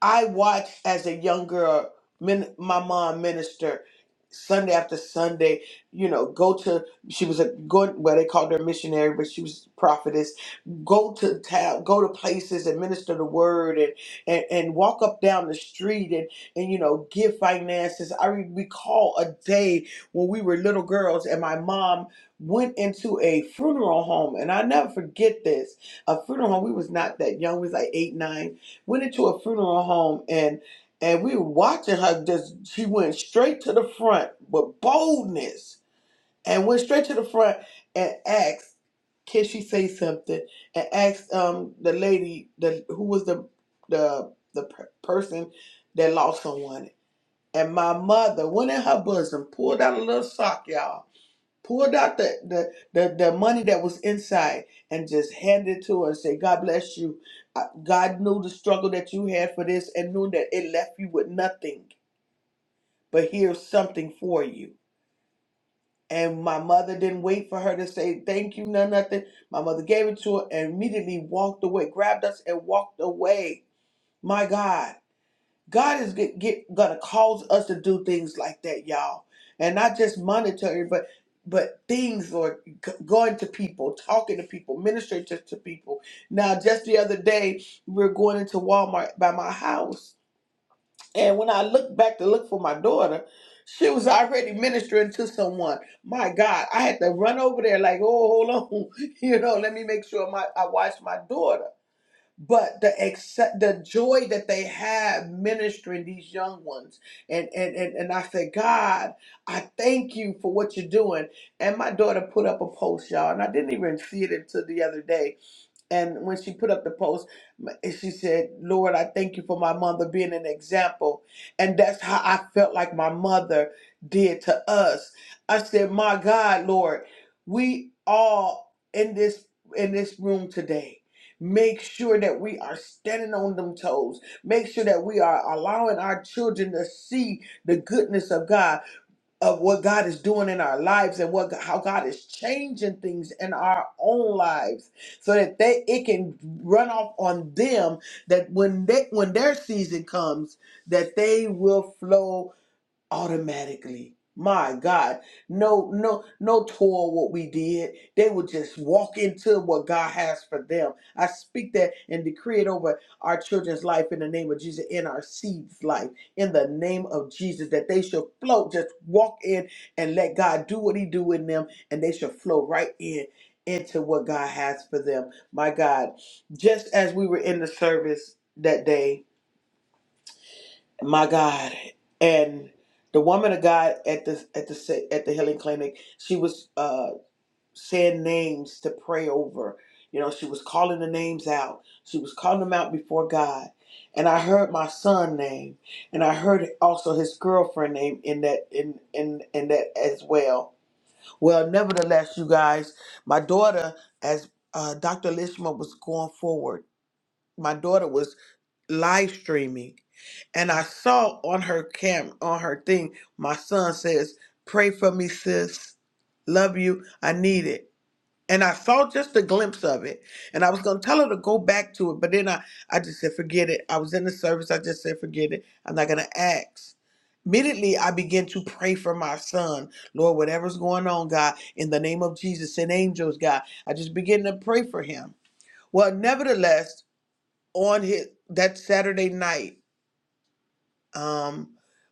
I watched as a young girl min- my mom minister Sunday after Sunday, you know, go to she was a going well they called her a missionary, but she was a prophetess, go to town, go to places and minister the word and and, and walk up down the street and and you know give finances. I re- recall a day when we were little girls and my mom went into a funeral home and I never forget this. A funeral home, we was not that young, we was like eight, nine went into a funeral home and and we were watching her just she went straight to the front with boldness and went straight to the front and asked can she say something and asked um the lady the who was the the the per- person that lost someone and my mother went in her bosom pulled out a little sock y'all pulled out the, the, the, the money that was inside and just handed it to her and said, God bless you. Uh, God knew the struggle that you had for this and knew that it left you with nothing, but here's something for you. And my mother didn't wait for her to say thank you, no nothing. My mother gave it to her and immediately walked away, grabbed us and walked away. My God. God is get, get gonna cause us to do things like that, y'all, and not just monetary, but but things or g- going to people, talking to people, ministering to, to people. Now, just the other day, we were going into Walmart by my house, and when I looked back to look for my daughter, she was already ministering to someone. My God, I had to run over there like, oh, hold on, you know, let me make sure my I watch my daughter but the accept the joy that they have ministering these young ones and and and, and i said god i thank you for what you're doing and my daughter put up a post y'all and i didn't even see it until the other day and when she put up the post, she said, Lord, I thank you for my mother being an example. And that's how I felt like my mother did to us. I said, My God, Lord, we all in this in this room today. Make sure that we are standing on them toes. Make sure that we are allowing our children to see the goodness of God of what God is doing in our lives and what how God is changing things in our own lives so that they it can run off on them that when they when their season comes that they will flow automatically. My God, no, no, no toil what we did. They would just walk into what God has for them. I speak that and decree it over our children's life in the name of Jesus, in our seeds' life, in the name of Jesus, that they should float, just walk in and let God do what He do in them, and they should flow right in into what God has for them. My God, just as we were in the service that day, my God. And the woman of God at the at the sa- at the healing clinic, she was uh, saying names to pray over. You know, she was calling the names out. She was calling them out before God. And I heard my son name, and I heard also his girlfriend name in that in in in that as well. Well, nevertheless, you guys, my daughter, as uh, Dr. Lishma was going forward, my daughter was live streaming and I saw on her cam on her thing, my son says, Pray for me, sis. Love you. I need it. And I saw just a glimpse of it. And I was gonna tell her to go back to it, but then I, I just said, forget it. I was in the service, I just said, forget it. I'm not gonna ask. Immediately I began to pray for my son. Lord, whatever's going on, God, in the name of Jesus, send angels, God. I just began to pray for him. Well, nevertheless, on his that Saturday night um,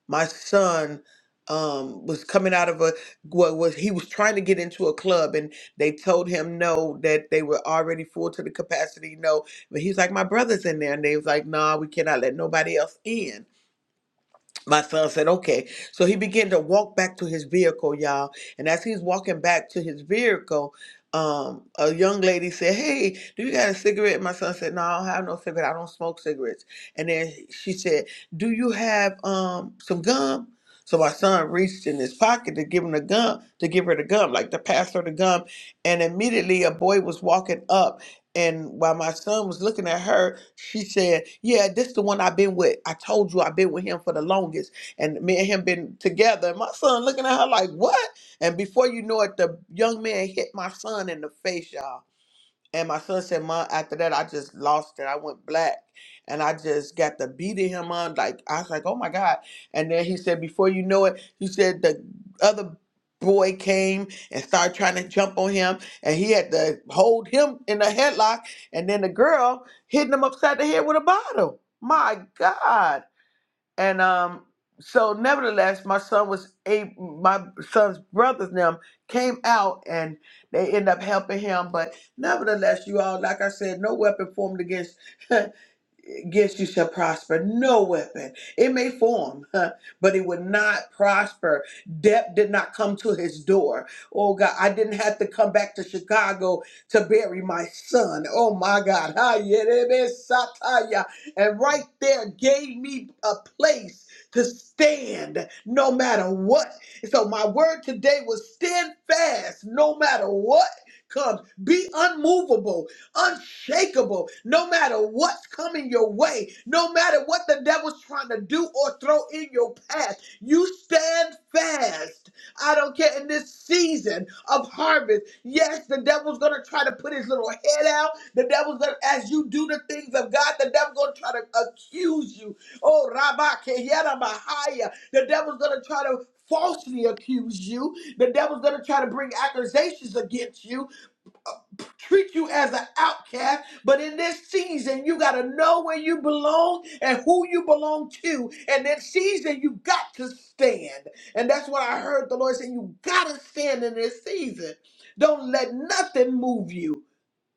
my son um, was coming out of a what was he was trying to get into a club and they told him no that they were already full to the capacity no but he's like my brother's in there and they was like nah we cannot let nobody else in my son said, okay. So he began to walk back to his vehicle, y'all. And as he's walking back to his vehicle, um, a young lady said, Hey, do you got a cigarette? my son said, No, I don't have no cigarette. I don't smoke cigarettes. And then she said, Do you have um some gum? So my son reached in his pocket to give him the gum, to give her the gum, like to pass her the gum. And immediately a boy was walking up. And while my son was looking at her, she said, "Yeah, this the one I've been with. I told you I've been with him for the longest, and me and him been together." And my son looking at her like, "What?" And before you know it, the young man hit my son in the face, y'all and my son said, Mom, after that, I just lost it. I went black and I just got the beating him on. Like, I was like, oh my God. And then he said, before you know it, he said the other boy came and started trying to jump on him and he had to hold him in a headlock. And then the girl hitting him upside the head with a bottle. My God. And um, so nevertheless, my son was a my son's brothers and them came out and they end up helping him. But nevertheless, you all, like I said, no weapon formed against against you shall prosper. No weapon. It may form, huh, but it would not prosper. Death did not come to his door. Oh God, I didn't have to come back to Chicago to bury my son. Oh my God. Ha, yerebe sataya. And right there gave me a place to stand no matter what. So my word today was stand fast no matter what comes. Be unmovable unshakable no matter what's coming your way, no matter what the devil's trying to do or throw in your path. You stand fast. I don't care in this season of harvest. Yes, the devil's going to try to put his little head out. The devil's going to, as you do the things of God, the devil's going to try to accuse you. Oh, Rabbi Keyada Mahaya. The devil's going to try to falsely accuse you. The devil's going to try to bring accusations against you treat you as an outcast. But in this season, you got to know where you belong and who you belong to. And that season, you got to stand. And that's what I heard the Lord saying. You got to stand in this season. Don't let nothing move you.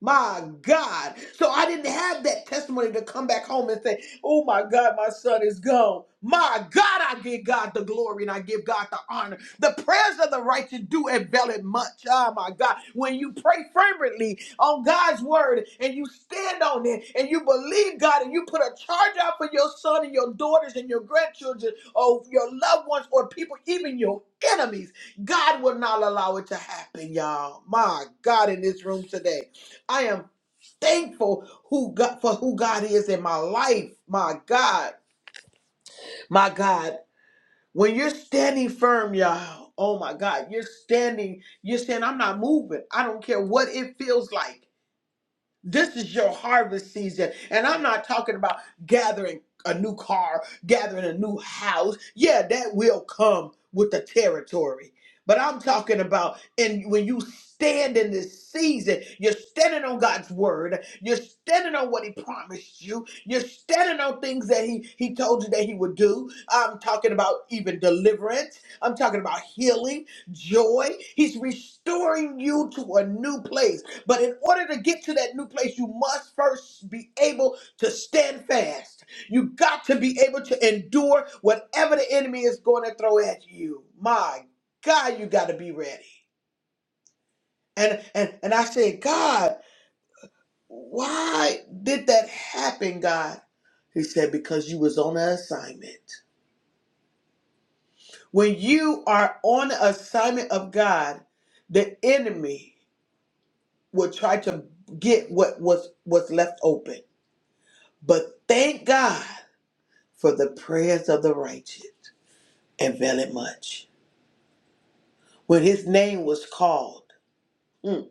My God. So I didn't have that testimony to come back home and say, Oh my God, my son is gone. My God, I give God the glory and I give God the honor. The prayers of the righteous do avail it much. Oh my God. When you pray fervently on God's word and you stand on it and you believe God and you put a charge out for your son and your daughters and your grandchildren or your loved ones or people, even your enemies, God will not allow it to happen, y'all. My God, in this room today. I am thankful who God, for who God is in my life. My God, my God, when you're standing firm, y'all. Oh my God, you're standing. You're saying, "I'm not moving. I don't care what it feels like. This is your harvest season. And I'm not talking about gathering a new car, gathering a new house. Yeah, that will come with the territory. But I'm talking about and when you stand in this season, you're standing on God's word. You're standing on what he promised you. You're standing on things that he he told you that he would do. I'm talking about even deliverance. I'm talking about healing, joy. He's restoring you to a new place. But in order to get to that new place, you must first be able to stand fast. You got to be able to endure whatever the enemy is going to throw at you. My God, you got to be ready. And and and I said, God, why did that happen, God? He said, because you was on an assignment. When you are on an assignment of God, the enemy will try to get what was was left open. But thank God for the prayers of the righteous availeth much. When his name was called, mm,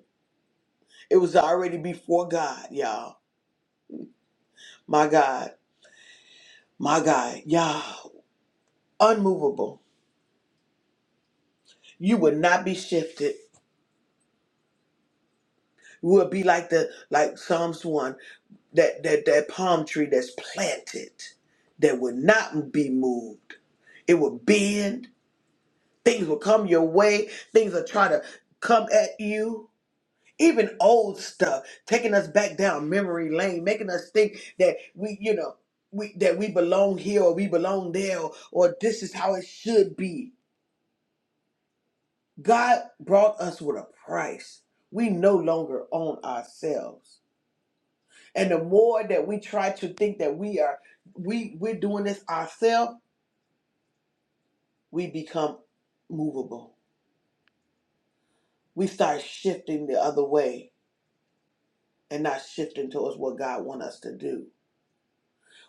it was already before God, y'all. My God, my God, y'all, unmovable. You would not be shifted. You would be like the like Psalms one, that that that palm tree that's planted, that would not be moved. It would bend. Things will come your way. Things will try to come at you even old stuff taking us back down memory lane making us think that we you know we that we belong here or we belong there or, or this is how it should be god brought us with a price we no longer own ourselves and the more that we try to think that we are we we're doing this ourselves we become movable we start shifting the other way and not shifting towards what god wants us to do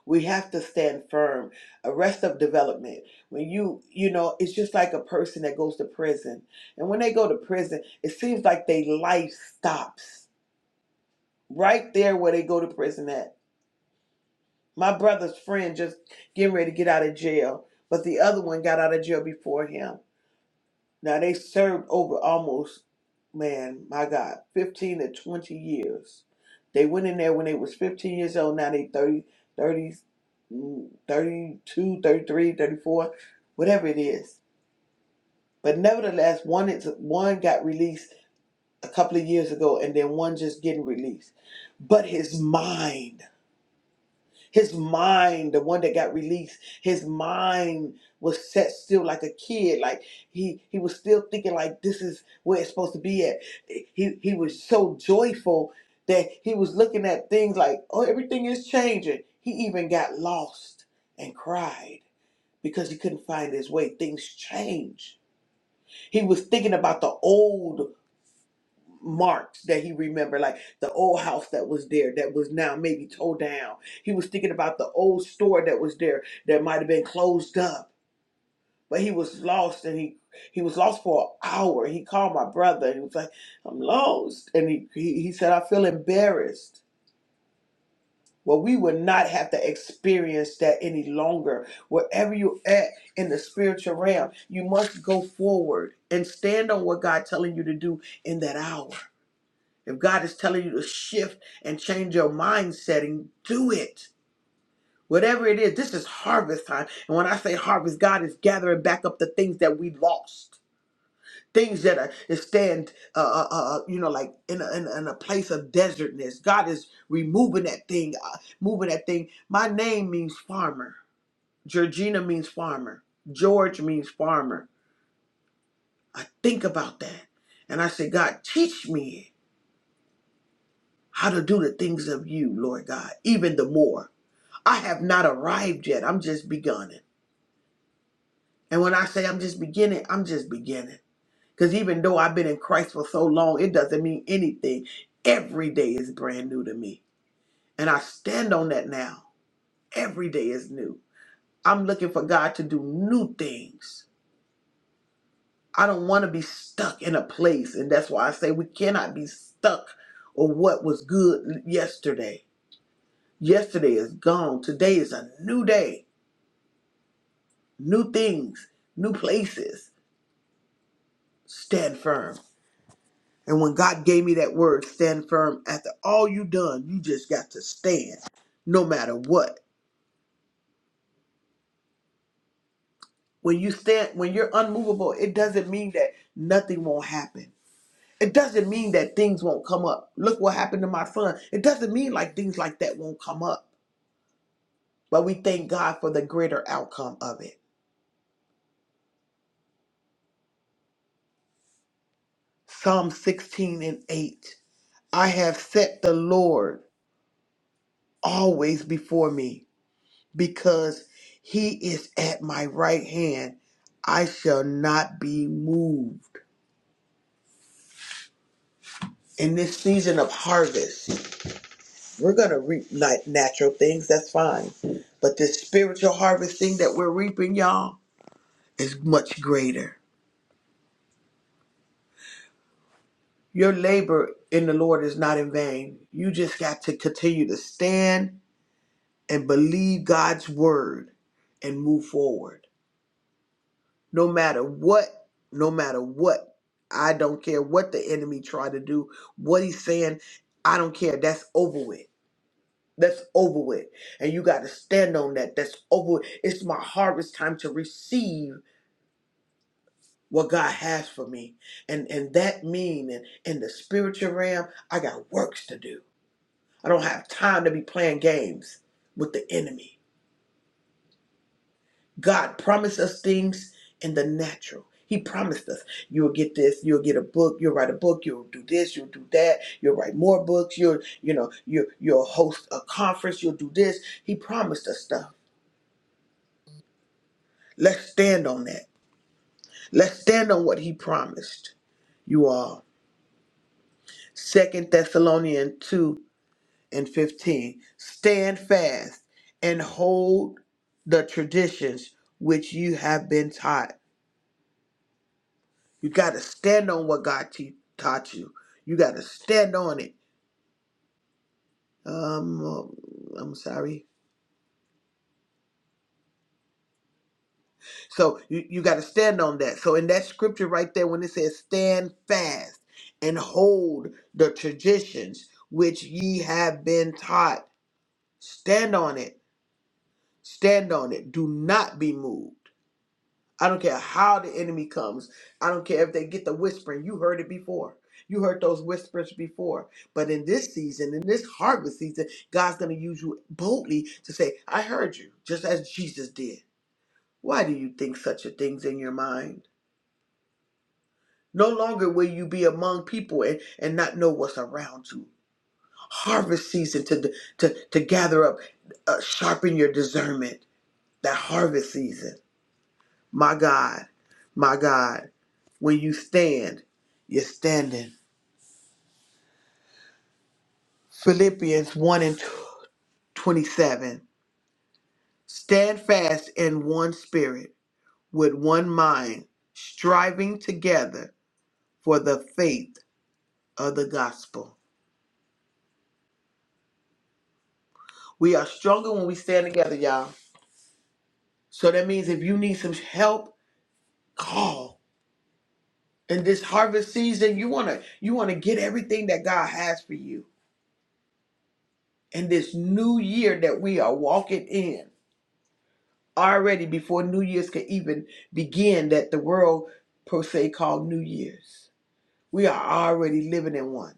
We have to stand firm. Arrest of development. When you, you know, it's just like a person that goes to prison. And when they go to prison, it seems like their life stops right there where they go to prison at. My brother's friend just getting ready to get out of jail, but the other one got out of jail before him. Now they served over almost, man, my God, fifteen to twenty years. They went in there when they was fifteen years old. Now they 30, thirty, mm, 32, thirty-three, thirty-four, whatever it is. But nevertheless, one is, one got released a couple of years ago, and then one just getting released. But his mind. His mind, the one that got released, his mind was set still like a kid. Like he he was still thinking like this is where it's supposed to be at. He he was so joyful that he was looking at things like, oh, everything is changing. He even got lost and cried because he couldn't find his way. Things change. He was thinking about the old marks that he remembered, like the old house that was there that was now maybe towed down. He was thinking about the old store that was there that might have been closed up, but he was lost and he he was lost for an hour. He called my brother and he was like, "I'm lost," and he he, he said, "I feel embarrassed." Well, we would not have to experience that any longer. Wherever you're at in the spiritual realm, you must go forward and stand on what God telling you to do in that hour. If God is telling you to shift and change your mindset, and do it. Whatever it is, this is harvest time. And when I say harvest, God is gathering back up the things that we lost, things that are that stand, uh, uh, uh, uh, you know, like in a, in, a, in a place of desertness. God is removing that thing, uh, moving that thing. My name means farmer. Georgina means farmer. George means farmer. I think about that, and I say, God, teach me how to do the things of you, Lord God, even the more. I have not arrived yet. I'm just beginning. And when I say I'm just beginning, I'm just beginning. Because even though I've been in Christ for so long, it doesn't mean anything. Every day is brand new to me. And I stand on that now. Every day is new. I'm looking for God to do new things. I don't want to be stuck in a place. And that's why I say we cannot be stuck or what was good yesterday. Yesterday is gone. Today is a new day, new things, new places stand firm. And when God gave me that word, stand firm, after all you done, you just got to stand no matter what. When you stand, when you're unmovable, it doesn't mean that nothing won't happen. It doesn't mean that things won't come up. Look what happened to my son. It doesn't mean like things like that won't come up. But we thank God for the greater outcome of it. Psalm 16 and 8. I have set the Lord always before me because he is at my right hand. I shall not be moved. In this season of harvest, we're going to reap nat- natural things, that's fine. But this spiritual harvest thing that we're reaping, y'all, is much greater. Your labor in the Lord is not in vain. You just got to continue to stand and believe God's word and move forward. no matter what, no matter what. I don't care what the enemy try to do, what he's saying, I don't care. That's over with. That's over with. And you got to stand on that. That's over. with. It's my harvest time to receive what God has for me. And and that mean in, in the spiritual realm, I got works to do. I don't have time to be playing games with the enemy. God promised us things in the natural. He promised us, you'll get this, you'll get a book, you'll write a book, you'll do this, you'll do that, you'll write more books, you'll, you know, you you'll host a conference, you'll do this. He promised us stuff. Let's stand on that. Let's stand on what he promised you all. Second Thessalonians 2 and 15. Stand fast and hold the traditions which you have been taught You got to stand on what God te- taught you. You got to stand on it. Um, uh, I'm sorry. So you, you got to stand on that. So in that scripture right there, when it says stand fast and hold the traditions which ye have been taught, stand on it. Stand on it. Do not be moved. I don't care how the enemy comes. I don't care if they get the whispering. You heard it before. You heard those whispers before. But in this season, in this harvest season, God's going to use you boldly to say, I heard you, just as Jesus did. Why do you think such a thing's in your mind? No longer will you be among people and, and not know what's around you. Harvest season to, to, to gather up, uh, sharpen your discernment. That harvest season. My God, my God. When you stand, you're standing. Philippians 1 and 27. Stand fast in one spirit, with one mind, striving together for the faith of the gospel. We are stronger when we stand together, y'all. So that means if you need some help, call. In this harvest season, you wanna you wanna get everything that God has for you. In this new year that we are walking in. already before New Year's could even begin that the world per se called New Year's. We are already living in one.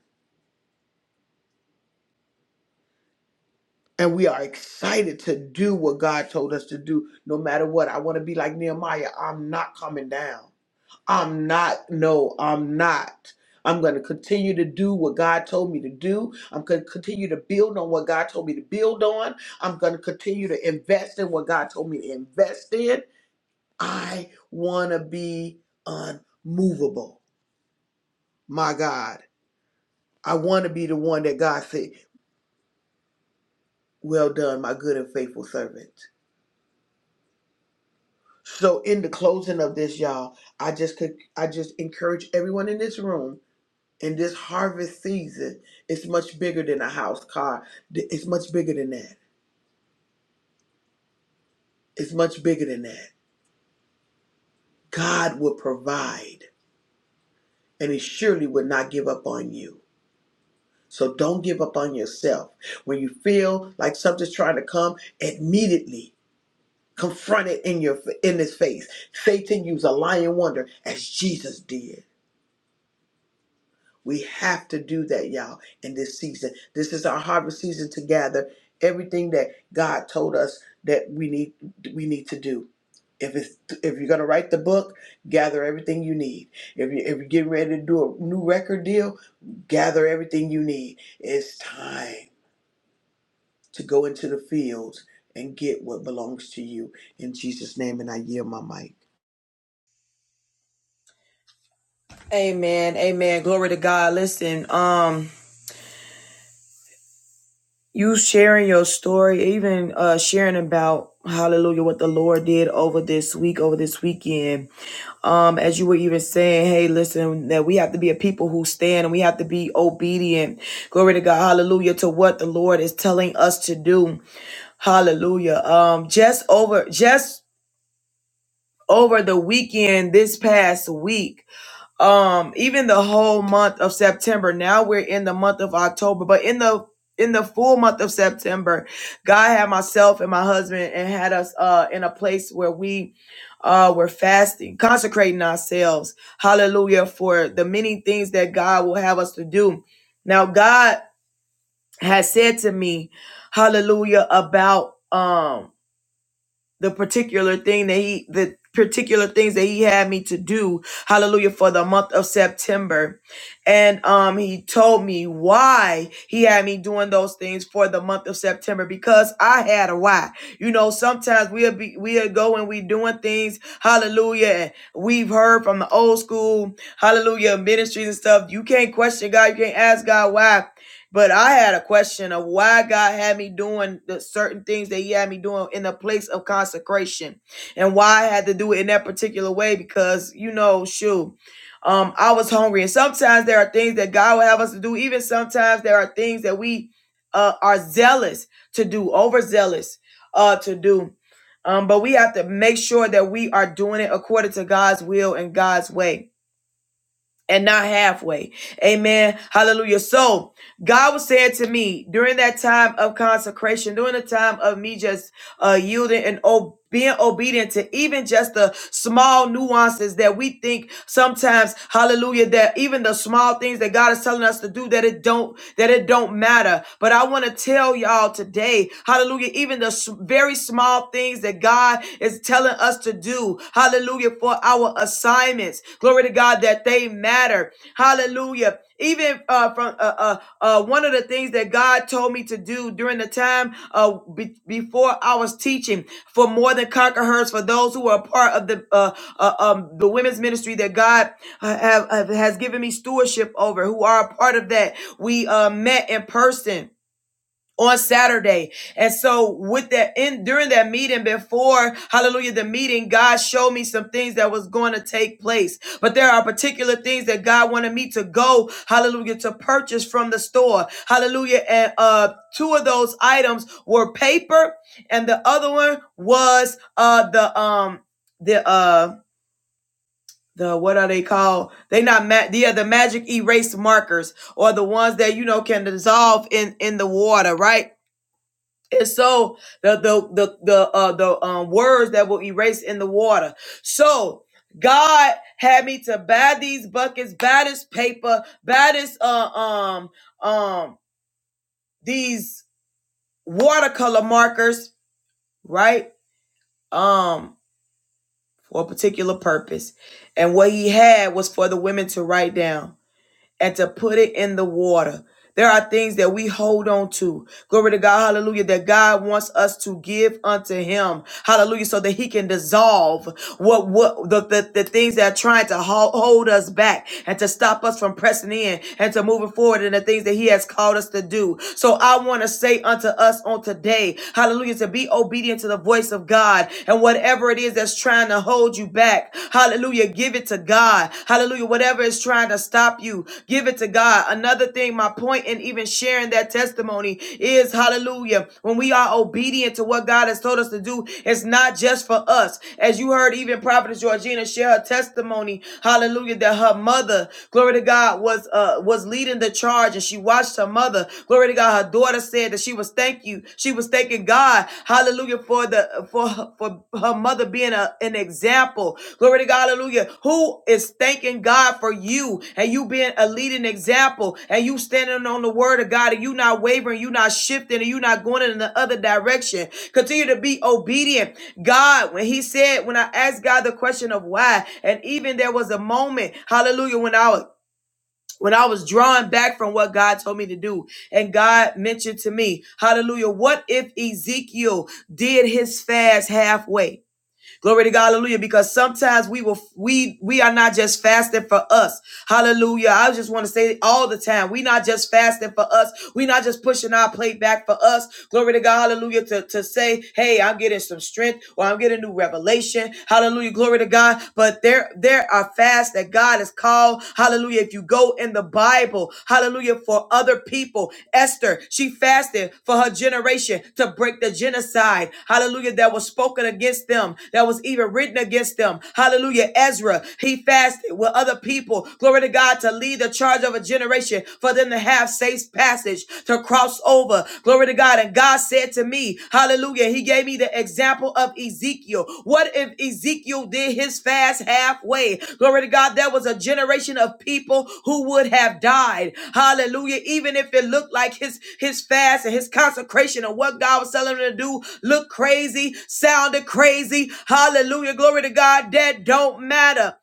And we are excited to do what God told us to do no matter what. I want to be like Nehemiah. I'm not coming down. I'm not, no, I'm not. I'm going to continue to do what God told me to do. I'm going to continue to build on what God told me to build on. I'm going to continue to invest in what God told me to invest in. I want to be unmovable. My God, I want to be the one that God said, "Well done, my good and faithful servant." So, in the closing of this, y'all, I just could, I just encourage everyone in this room in this harvest season. It's much bigger than a house, car. It's much bigger than that. It's much bigger than that. God will provide, and He surely would not give up on you. So don't give up on yourself. When you feel like something's trying to come, immediately confront it in your in his face. Satan used a lying wonder as Jesus did. We have to do that, y'all, in this season. This is our harvest season to gather everything that God told us that we need we need to do. If it's if you're gonna write the book, gather everything you need. If you if you're getting ready to do a new record deal, gather everything you need. It's time. to go into the fields and get what belongs to you. In Jesus' name, and I yield my mic. Amen. Amen. Glory to God. Listen, um, you sharing your story, even uh sharing about hallelujah what the Lord did over this week, over this weekend. Um, as you were even saying, hey, listen, that we have to be a people who stand and we have to be obedient. Glory to God, hallelujah, to what the Lord is telling us to do. Hallelujah. Um, just over just over the weekend this past week um even the whole month of september now we're in the month of october but in the in the full month of september god had myself and my husband and had us uh in a place where we uh were fasting consecrating ourselves hallelujah for the many things that god will have us to do now god has said to me hallelujah about um the particular thing that he the particular things that he had me to do hallelujah for the month of september and um he told me why he had me doing those things for the month of september because i had a why you know sometimes we'll be we'll go and we doing things hallelujah and we've heard from the old school hallelujah ministries and stuff you can't question god you can't ask god why but I had a question of why God had me doing the certain things that He had me doing in a place of consecration, and why I had to do it in that particular way because you know, shoot, um, I was hungry, and sometimes there are things that God will have us to do. Even sometimes there are things that we uh, are zealous to do, overzealous uh, to do. Um, but we have to make sure that we are doing it according to God's will and God's way and not halfway. Amen. Hallelujah. So God was saying to me during that time of consecration, during the time of me just uh, yielding and o- being obedient to even just the small nuances that we think sometimes, hallelujah, that even the small things that God is telling us to do, that it don't that it don't matter. But I want to tell y'all today, hallelujah, even the s- very small things that God is telling us to do, hallelujah, for our assignments, glory to God, that they matter, hallelujah. Even uh, from uh, uh, uh, one of the things that God told me to do during the time uh, be- before I was teaching for more than conquerors, for those who are part of the uh, uh, um, the women's ministry that God uh, have, have- has given me stewardship over, who are a part of that, we uh, met in person on Saturday. And so with that in during that meeting before hallelujah the meeting God showed me some things that was going to take place. But there are particular things that God wanted me to go hallelujah to purchase from the store. Hallelujah and uh two of those items were paper and the other one was uh the um the uh the what are they called? They not ma- the the magic erase markers or the ones that you know can dissolve in in the water, right? And so the the the the uh, the um, words that will erase in the water. So God had me to buy these buckets, buy this paper, buy this uh, um um these watercolor markers, right? Um for a particular purpose. And what he had was for the women to write down. and to put it in the water. There are things that we hold on to. Glory to God. Hallelujah. That God wants us to give unto him. Hallelujah. So that he can dissolve what what the, the, the things that are trying to ho- hold us back and to stop us from pressing in and to moving forward in the things that he has called us to do. So I want to say unto us on today, hallelujah, to be obedient to the voice of God and whatever it is that's trying to hold you back, hallelujah, give it to God. Hallelujah, whatever is trying to stop you, give it to God. Another thing thing. My point in even sharing that testimony is hallelujah. When we are obedient to what God has told us to do, it's not just for us. As you heard, even Prophetess Georgina share her testimony, hallelujah, that her mother, glory to God, was uh was leading the charge and she watched her mother. Glory to God, her daughter said that she was thank you. She was thanking God, hallelujah, for the for for her, for her mother being a, an example. Glory to God, hallelujah. Who is thanking God for you and you being a leading example and you standing on the word of God and you not wavering, you not shifting, and you not going in the other direction. Continue to be obedient. God, when He said, when I asked God the question of why, and even there was a moment, hallelujah, when I was when I was drawing back from what God told me to do. And God mentioned to me, hallelujah, what if Ezekiel did his fast halfway? Glory to God, hallelujah, because sometimes we will we we are not just fasting for us. Hallelujah. I just want to say it all the time. We not just fasting for us. We not just pushing our plate back for us. Glory to God, hallelujah, to, to say, hey, I'm getting some strength or I'm getting new revelation. Hallelujah. Glory to God. But there there are fasts that God has called. Hallelujah. If you go in the the Bible, hallelujah, for other people. Esther, she fasted for her generation to break the genocide, hallelujah, that was spoken against them, that was even written against them. Hallelujah. Ezra, he fasted with other people, glory to God, to lead the charge of a generation for them to have safe passage, to cross over, glory to God. And God said to me, me. Hallelujah. He gave me the example of Ezekiel. What if Ezekiel did his fast halfway? Glory to God. There was a generation of people who would have died. Hallelujah. Even if it looked like his, his fast and his consecration and what God was telling him to do looked crazy, sounded crazy. Hallelujah. Glory to God. That don't matter.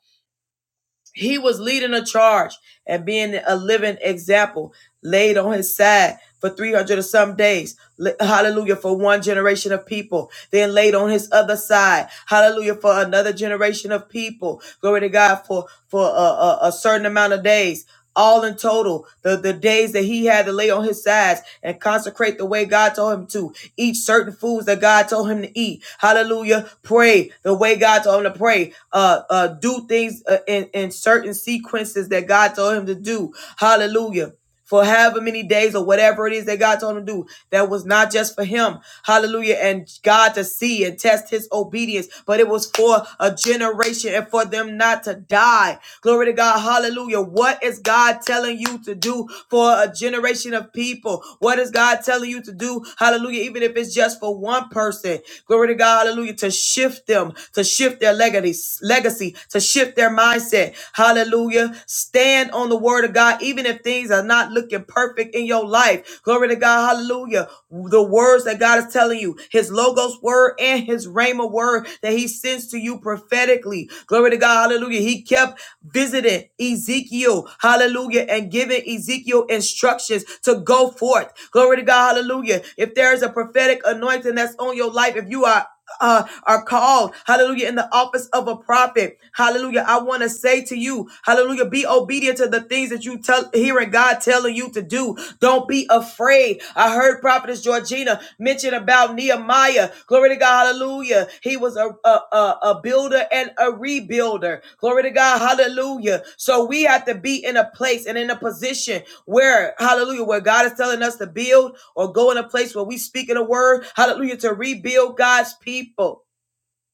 He was leading a charge and being a living example, laid on his side for 300 or some days. Hallelujah, for one generation of people. Then laid on his other side. Hallelujah, for another generation of people. Glory to God for, for a, a, a certain amount of days all in total the, the days that he had to lay on his sides and consecrate the way god told him to eat certain foods that god told him to eat hallelujah pray the way god told him to pray uh uh do things uh, in in certain sequences that god told him to do hallelujah for however many days or whatever it is that God told him to do. That was not just for him. Hallelujah. And God to see and test his obedience, but it was for a generation and for them not to die. Glory to God. Hallelujah. What is God telling you to do for a generation of people? What is God telling you to do? Hallelujah. Even if it's just for one person person. Glory to God, hallelujah, to shift them, to shift their legacy, legacy, to shift their mindset. Hallelujah. Stand on the word of God, even if things are not looking perfect in your life. Glory to God, hallelujah. The words that God is telling you, his logos word and his rhema word that he sends to you prophetically. Glory to God, hallelujah. Hallelujah. He kept visiting Ezekiel. Hallelujah. And giving Ezekiel instructions to go forth. Glory to God. Hallelujah. If there is a prophetic anointing that's on your life, if you are uh, are called, hallelujah, in the office of a prophet. Hallelujah. I want to say to you, hallelujah, be obedient to the things that you tell hearing God telling you to do. Don't be afraid. I heard Prophetess Georgina mention about Nehemiah. Glory to God. Hallelujah. He was a, a, a, a builder and a rebuilder. Glory to God. Hallelujah. So we have to be in a place and in a position where, hallelujah, where God is telling us to build or go in a place where we speak in a word. Hallelujah. To rebuild God's people.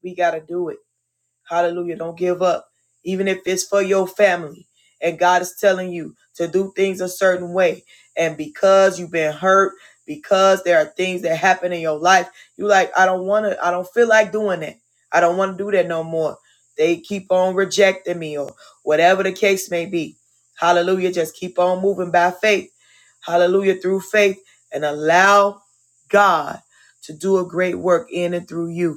We got to do it. Hallelujah. Don't give up, even if it's for your family. And God is telling you to do things a certain way. And because you've been hurt, because there are things that happen in your life, you like, I don't want to, I don't feel like doing that. I don't want to do that no more. They keep on rejecting me or whatever the case may be. Hallelujah. Just keep on moving by faith. Hallelujah. Through faith and allow God to do a great work in and through you.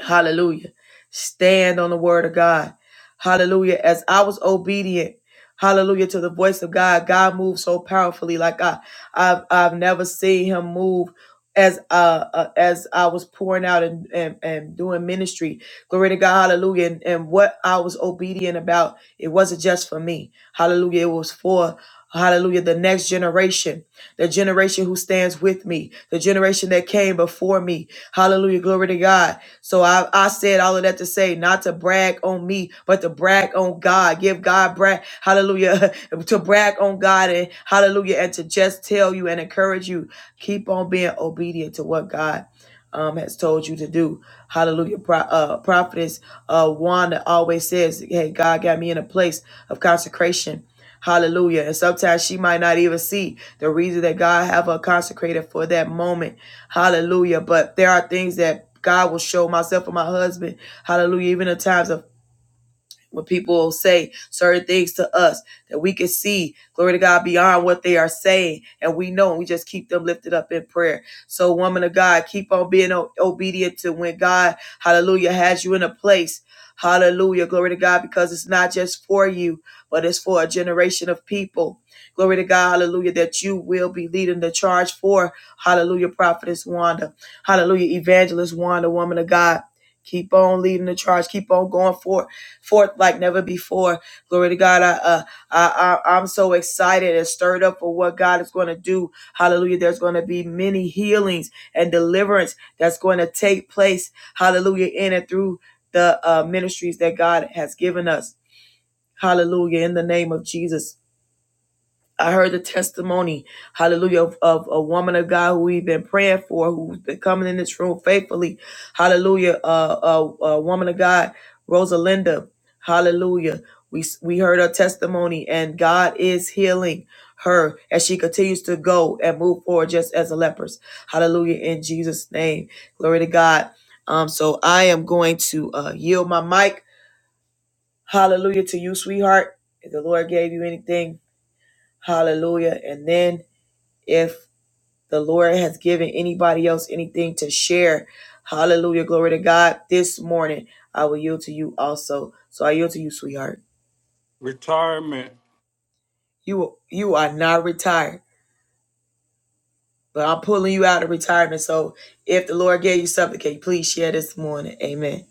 Hallelujah. Stand on the word of God. Hallelujah. As I was obedient, hallelujah, to the voice of God, God moved so powerfully like I, I've, I've never seen him move as uh, uh as I was pouring out and, and and doing ministry. Glory to God, hallelujah. And, and what I was obedient about, it wasn't just for me. Hallelujah. It was for Hallelujah, the next generation, the generation who stands with me, the generation that came before me. Hallelujah, glory to God. So I, I said all of that to say not to brag on me, but to brag on God. Give God brag, hallelujah, to brag on God and hallelujah, and to just tell you and encourage you. Keep on being obedient to what God um, has told you to do. Hallelujah. Pro, uh, prophetess uh, Wanda always says, hey, God got me in a place of consecration. Hallelujah. And sometimes she might not even see the reason that God have her consecrated for that moment. Hallelujah. But there are things that that God will show myself and my husband, hallelujah, even in times of when people say certain things to us that we can see, glory to God, beyond what they are saying, and we know, and we just keep them lifted up in prayer. So, woman of God, keep on being o- obedient to when God, hallelujah, has you in a place. Hallelujah. Glory to God, because it's not just for you, but it's for a generation of people. Glory to God, hallelujah, that you will be leading the charge for. Hallelujah, prophetess Wanda. Hallelujah, evangelist Wanda, woman of God. Keep on leading the charge. Keep on going forth forth like never before. Glory to God. I, uh, I, I, I'm so excited and stirred up for what God is going to do. Hallelujah. There's going to be many healings and deliverance that's going to take place. Hallelujah. In and through the uh, ministries that God has given us. Hallelujah. In the name of Jesus. I heard the testimony, hallelujah, of, of a woman of God who we've been praying for, who's been coming in this room faithfully, hallelujah, uh, a, a woman of God, Rosalinda, hallelujah. We, we heard her testimony, and God is healing her as she continues to go and move forward just as a leprous. Hallelujah, in Jesus' name. Glory to God. Um, so I am going to uh, yield my mic, hallelujah, to you, sweetheart. If the Lord gave you anything, hallelujah. And then if the Lord has given anybody else anything to share, hallelujah, glory to God, this morning I will yield to you also. So I yield to you, sweetheart. Retirement. You you are not retired, but I'm pulling you out of retirement. So if the Lord gave you something, can you please share this morning? Amen.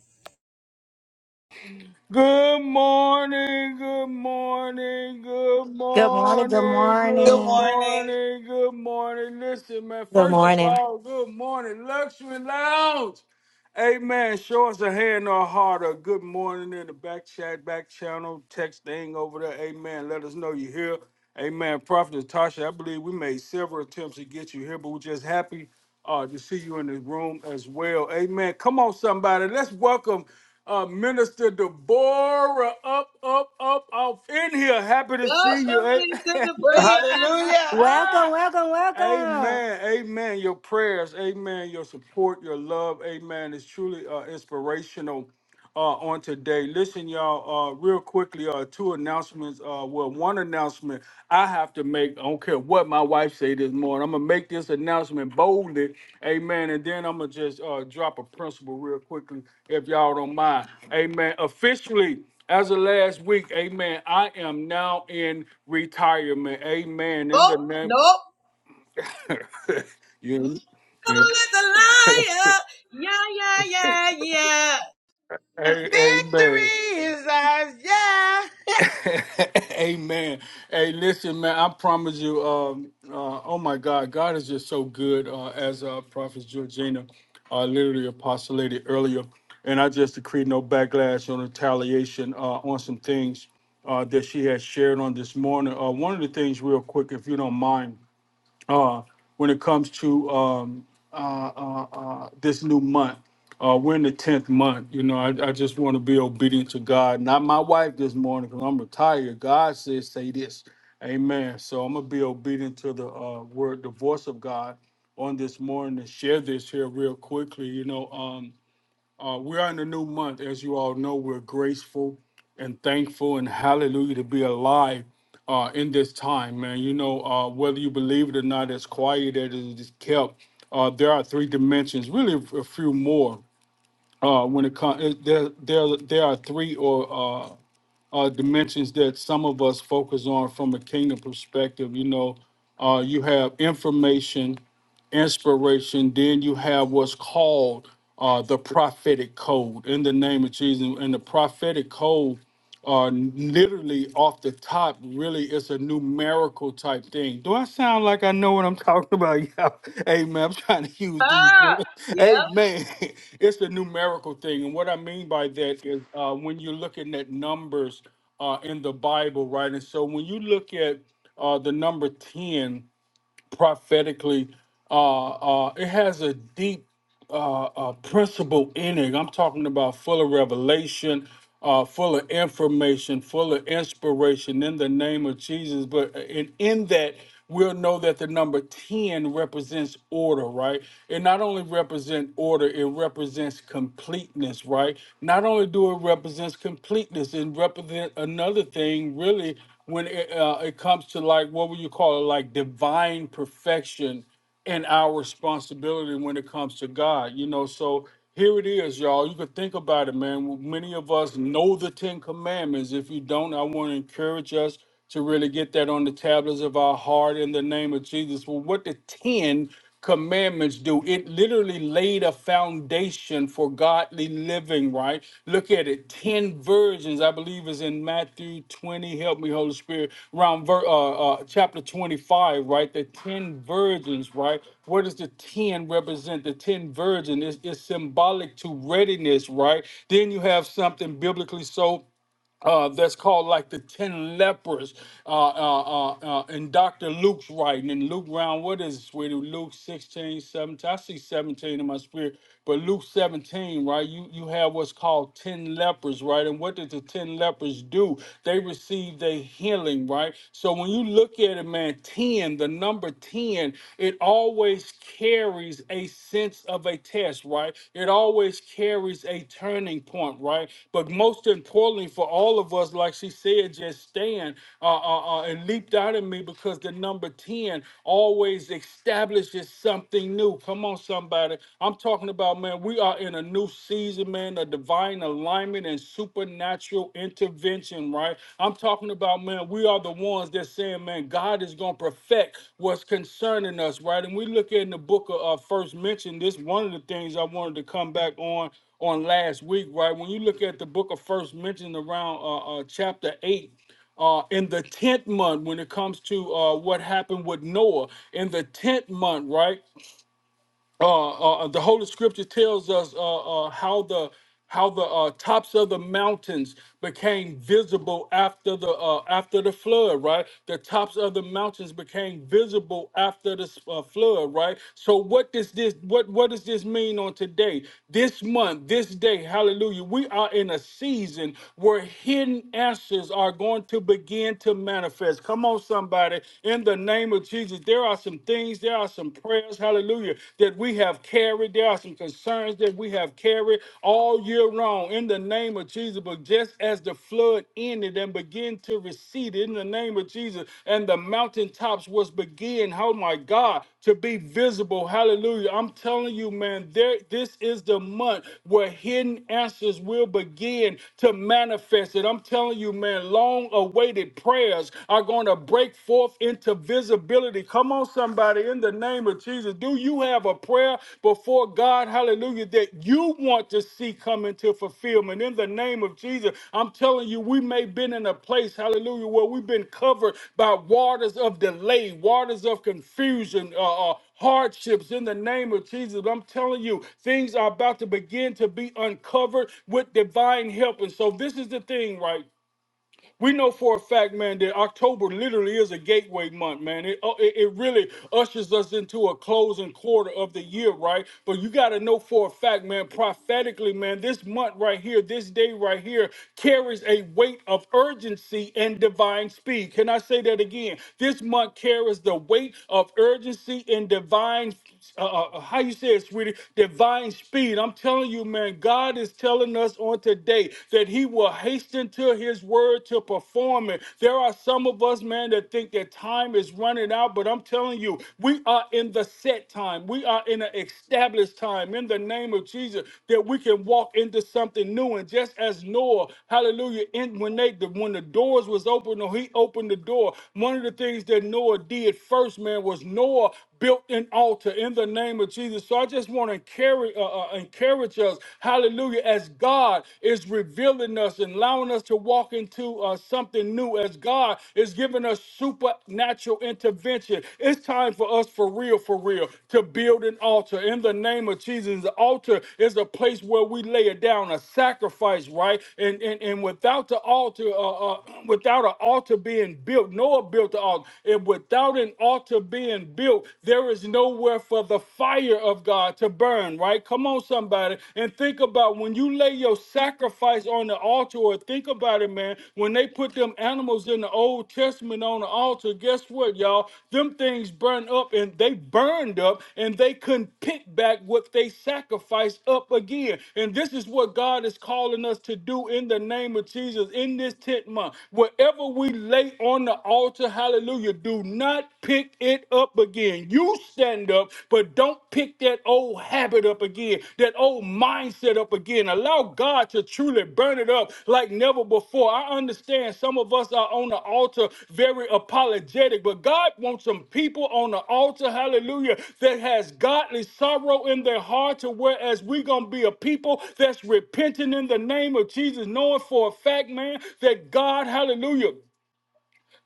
Good morning, good morning, good Good morning. Good morning, good morning. morning, good morning. Listen, man, Good first of morning. all, good morning, Luxury Lounge. Amen. Show us a hand or a heart or a good morning in the back chat, back channel, text thing over there. Amen. Let us know you're here. Amen. Prophet Natasha, I believe we made several attempts to get you here, but we're just happy uh, to see you in the room as well. Amen. Come on, somebody. Let's welcome. Uh, Minister Deborah, up, up, up, off in here. Happy to see you. Welcome to the eh? prayer. Welcome, welcome, welcome. Amen. Amen. Your prayers, amen. Your support, your love, amen. It's truly uh, inspirational uh, on today. Listen, y'all, uh, real quickly, uh, two announcements. Uh, well, one announcement I have to make. I don't care what my wife say this morning. I'm gonna make this announcement boldly, amen. And then I'm gonna just uh, drop a principle real quickly, if y'all don't mind, amen. Officially. As of last week, amen, I am now in retirement. Amen. In the Oh, name nope. you, Devil yeah. is a liar. Yeah, yeah, yeah, Hey, amen. Victory is ours. Yeah. amen. Hey, listen, man. I promise you. Um. Uh, oh my God, God is just so good. Uh, as uh, Prophet Georgina, uh, literally apostolated earlier, and I just decreed no backlash or retaliation uh, on some things uh, that she has shared on this morning. Uh, one of the things, real quick, if you don't mind. uh, when it comes to um, uh, uh, uh, this new month. Uh, we're in the tenth month. You know, I, I just want to be obedient to God, not my wife this morning because I'm retired. God says, "Say this." Amen. So I'm gonna be obedient to the uh, word, the voice of God on this morning, and share this here real quickly. You know, um, uh, we are in a new month. As you all know, we're grateful and thankful and hallelujah to be alive uh, in this time, man. You know, uh, whether you believe it or not, as quiet as it is kept, uh, there are three dimensions, really a few more. Uh, when it comes, there, there, there are three or uh, uh, dimensions that some of us focus on from a kingdom perspective. You know, uh, you have information, inspiration. Then you have what's called uh, the prophetic code in the name of Jesus. And the prophetic code, uh, literally off the top, really is a numerical type thing. Do I sound like I know what I'm talking about? Yeah. Amen. I'm trying to use these words. yeah. Amen. It's a numerical thing. And what I mean by that is uh, when you're looking at numbers uh, in the Bible, right? And so when you look at uh, the number 10, prophetically. Uh, uh, it has a deep uh, uh, principle in it. I'm talking about full of revelation, uh, full of information, full of inspiration in the name of Jesus. But in, in that, we'll know that the number 10 represents order, right? It not only represents order, it represents completeness, right? Not only do it represents completeness, it represents another thing, really when it, uh, it comes to like what would you call it like divine perfection and our responsibility when it comes to god you know so here it is y'all you could think about it man many of us know the ten commandments if you don't i want to encourage us to really get that on the tablets of our heart in the name of jesus well what the ten commandments do. It literally laid a foundation for godly living, right? Look at it. 10 virgins, I believe, is in Matthew 20. Help me, Holy Spirit, around ver- uh, uh, chapter 25, right? The 10 virgins, right? What does the 10 represent? The 10 virgin is symbolic to readiness, right? Then you have something biblically so uh, that's called like the ten lepers uh, uh, uh, uh, in Dr. Luke's writing. And Luke round, what is it, sweetie? Luke 16, 17? I see 17 in my spirit, but Luke 17, right? You you have what's called ten lepers, right? And what did the ten lepers do? They received a healing, right? So when you look at it, man, 10, the number 10, it always carries a sense of a test, right? It always carries a turning point, right? But most importantly for all of us, like she said, just stand. Uh, uh, uh, it leaped out at me because the number 10 always establishes something new. Come on, somebody. I'm talking about, man, we are in a new season, man, a divine alignment and supernatural intervention intervention, right? I'm talking about, man, we are the ones that saying, man, God is going to perfect what's concerning us, right? And we look at in the book of uh, First Mention, this one of the things I wanted to come back on on last week, right? When you look at the book of First Mention around uh, uh, chapter 8, uh, in the tenth month when it comes to uh, what happened with Noah in the tenth month, right? uh, uh, the Holy Scripture tells us uh, uh, how the how the uh, tops of the mountains became visible after the uh, after the flood, right? The tops of the mountains became visible after the uh, flood, right? So what does this what what does this mean on today? This month, this day, hallelujah. We are in a season where hidden answers are going to begin to manifest. Come on somebody, in the name of Jesus. There are are some things, there are some prayers, hallelujah, that we have carried. There are some concerns that we have carried all year long in the name of Jesus. But just as the flood ended and began to recede in the name of Jesus, and the mountaintops was begin, oh my God, to be visible. Hallelujah. I'm telling you, man, there this is the month where hidden answers will begin to manifest it. I'm telling you, man, long awaited prayers are going going to break forth into visibility. Come on, somebody, in the name of Jesus. Do you have a prayer before God, hallelujah, that you want to see come into fulfillment? In the name of Jesus, I'm telling you, we may have been in a place, hallelujah, where we've been covered by waters of delay, waters of confusion, uh, uh, hardships in the name of Jesus. I'm telling you, things are about to begin to be uncovered with divine help. And so, this is the thing, right? We know for a fact, man, that October literally is a gateway month, man. It, uh, it, it really ushers us into a closing quarter of the year, right? But you got to know for a fact, man, prophetically, man, this month right here, this day right here carries a weight of urgency and divine speed. Can I say that again? This month carries the weight of urgency and divine uh, uh, uh, how you say it, sweetie, divine speed. I'm telling you, man, God is telling us on today day that he will hasten to his word to perform it. There are some of us, man, that think that time is running out, but I'm telling you, we are in the set time. We are in an established time in the name of Jesus that we can walk into something new. And just as Noah, hallelujah, in, when they the, when the doors was open or he opened the door, one of the things that Noah did first, man, was Noah built an altar in the name of Jesus. So I just want to encourage, uh, uh, encourage us, hallelujah, as God is revealing us and allowing us to walk into uh, something new, as God is giving us supernatural intervention. It's time for us, for real, for real, to build an altar in the name of Jesus. The altar is a place where we lay it down, a sacrifice, right? And and, and without the altar, uh, uh, without an altar being built, Noah built the altar, and without an an altar being built, there is nowhere for the fire of God to burn, right? Come on, somebody. And think about when you lay your sacrifice on the altar, or think about it, man, when they put them animals in the Old Testament on the altar, guess what, y'all? Them things burn up and they burned up and they couldn't pick back what they sacrificed up again. And this is what God is calling us to do in the name of Jesus in this tent month. Whatever we lay on the altar, a hallelujah, do not pick it up again. You stand up, but don't pick that old habit up again, that old mindset up again. Allow God to truly burn it up like never before. I understand some of us are on the altar very apologetic, but God wants some people on the altar, hallelujah, that has godly sorrow in their heart to whereas we're gonna be a people that's repenting in the name of Jesus, knowing for a fact, man, that God, hallelujah,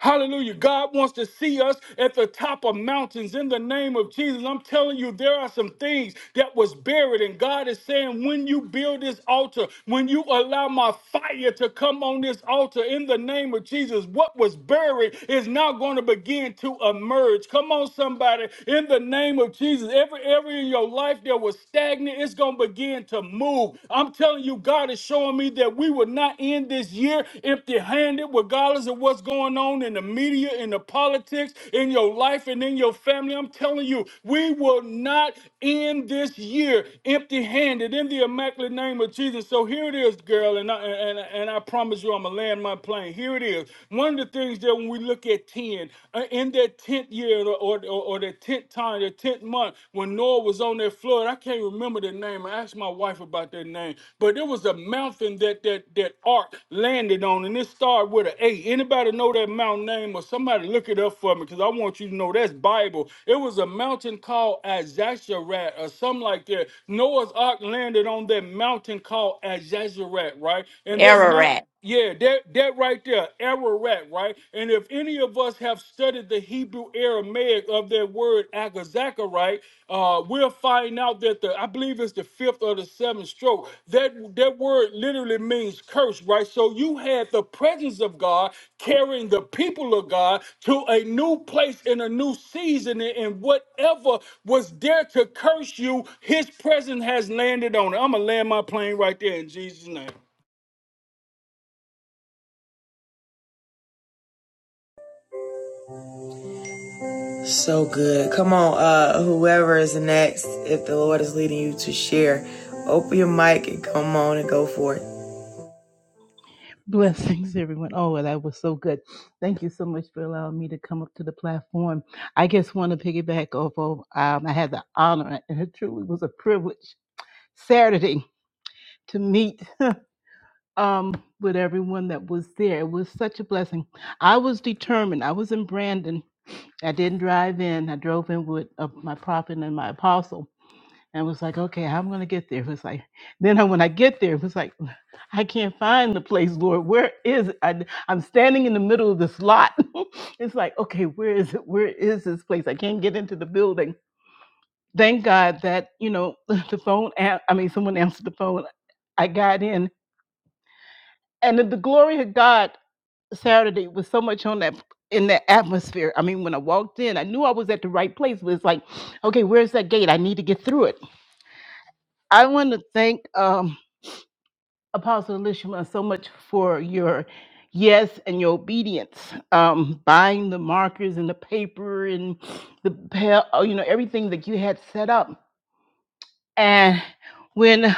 Hallelujah. God wants to see us at the top of mountains in the name of Jesus. I'm telling you, there are some things that was buried. And God is saying, when you build this altar, when you allow my fire to come on this altar in the name of Jesus, what was buried is now going to begin to emerge. Come on, somebody, in the name of Jesus. Every area in your life that was stagnant, it's going to begin to move. I'm telling you, God is showing me that we will not end this year empty handed, regardless of what's going on in the media, in the politics, in your life, and in your family. I'm telling you, we will not end this year empty handed in the immaculate name of Jesus. So here it is, girl, and I, and, and I promise you, I'm going to land my plane. Here it is. One of the things that when we look at 10, uh, in their 10th year or, or, or their 10th time, their 10th month, when when Noah was on that flood. I can't remember the name. I asked my wife about that name, but it was a mountain that that that ark landed on, and it started with an A. Anybody know that mountain name, or somebody look it up for me, because I want you to know that's Bible. It was a mountain called Azazarat or something like that. Noah's ark landed on that mountain called Azazarat, right? And that mountain. Ararat. Yeah, that that right there, Ararat, right? And if any of us have studied the Hebrew Aramaic of that word Agazaka, right, uh, we'll find out that the I believe it's the fifth or the seventh stroke. That that word literally means curse, right? So you had the presence of God carrying the people of God to a new place in a new season, and and whatever was there to curse you, His presence has landed on it. I'm gonna land my plane right there in Jesus' name. So good. Come on, uh, whoever is next, if the Lord is leading you to share, open your mic and come on and go for it. Blessings, everyone. Oh, well, that was so good. Thank you so much for allowing me to come up to the platform. I just want to piggyback off of, um, I had the honor, and it truly was a privilege, Saturday to meet um, with everyone that was there. It was such a blessing. I was determined. I was in Brandon I didn't drive in. I drove in with uh, my prophet and my apostle, and was like, okay, how am I gonna get there? It was like, then I- when I get there, it was like, I can't find the place, Lord. Where is it? I, am standing in the middle of this lot. it's like, okay, where is it? Where is this place? I can't get into the building. Thank God that you know the phone. an- I mean, someone answered the phone. I got in, and the glory of God. Saturday was so much on that in that atmosphere. I mean, when I walked in, I knew I was at the right place, but it's like, okay, where's that gate? I need to get through it. I want to thank um, Apostle Elishma so much for your yes and your obedience, um, buying the markers and the paper and the pa- oh, you know everything that you had set up. And when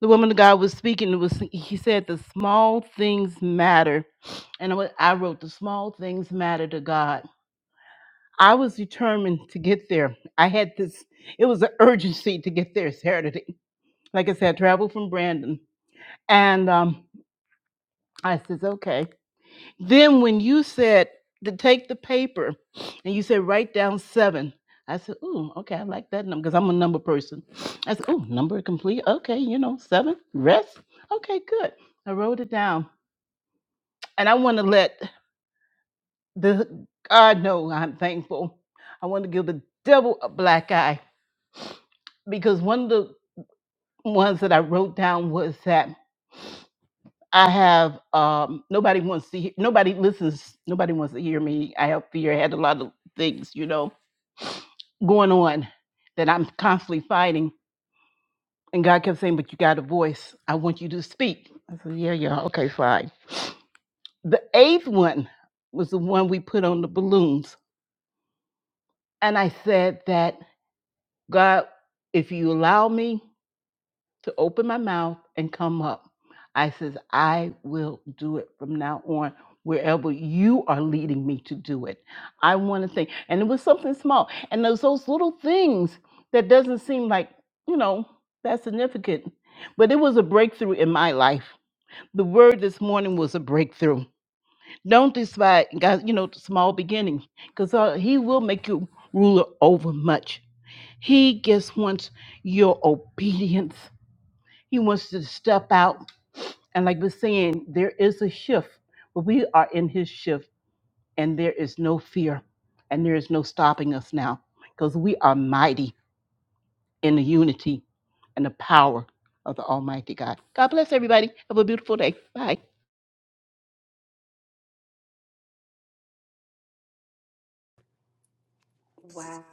the woman of God was speaking, it was he said the small things matter, and I wa- I wrote the small things matter to God I was determined to get there. I had this, it was an urgency to get there Saturday. Like I said, I traveled from Brandon. And um, I says, okay. Then when you said to take the paper and you said, write down seven, I said, ooh, okay, I like that number because I'm a number person. I said, ooh, number complete. Okay, you know, seven, rest. Okay, good. I wrote it down. And I want to let the God know I'm thankful. I want to give the devil a black eye because one of the ones that I wrote down was that I have um, nobody wants to hear, nobody listens, nobody wants to hear me. I have fear. I had a lot of things, you know, going on that I'm constantly fighting. And God kept saying, "But you got a voice. I want you to speak." I said, "Yeah, yeah, okay, fine." The eighth one was the one we put on the balloons, and I said that God, if you allow me. to open my mouth and come up. I says, I will do it from now on, wherever you are leading me to do it. I want to think. And it was something small. And those those little things that doesn't seem like, you know, that's significant. But it was a breakthrough in my life. The word this morning was a breakthrough. Don't despise God, you know, the small beginnings, because uh, he will make you ruler over much. He just wants your obedience. He wants to step out. And like we're saying, there is a shift, but we are in his shift, and there is no fear, and there is no stopping us now, because we are mighty in the unity and the power of the Almighty God. God bless everybody. Have a beautiful day. Bye. Wow.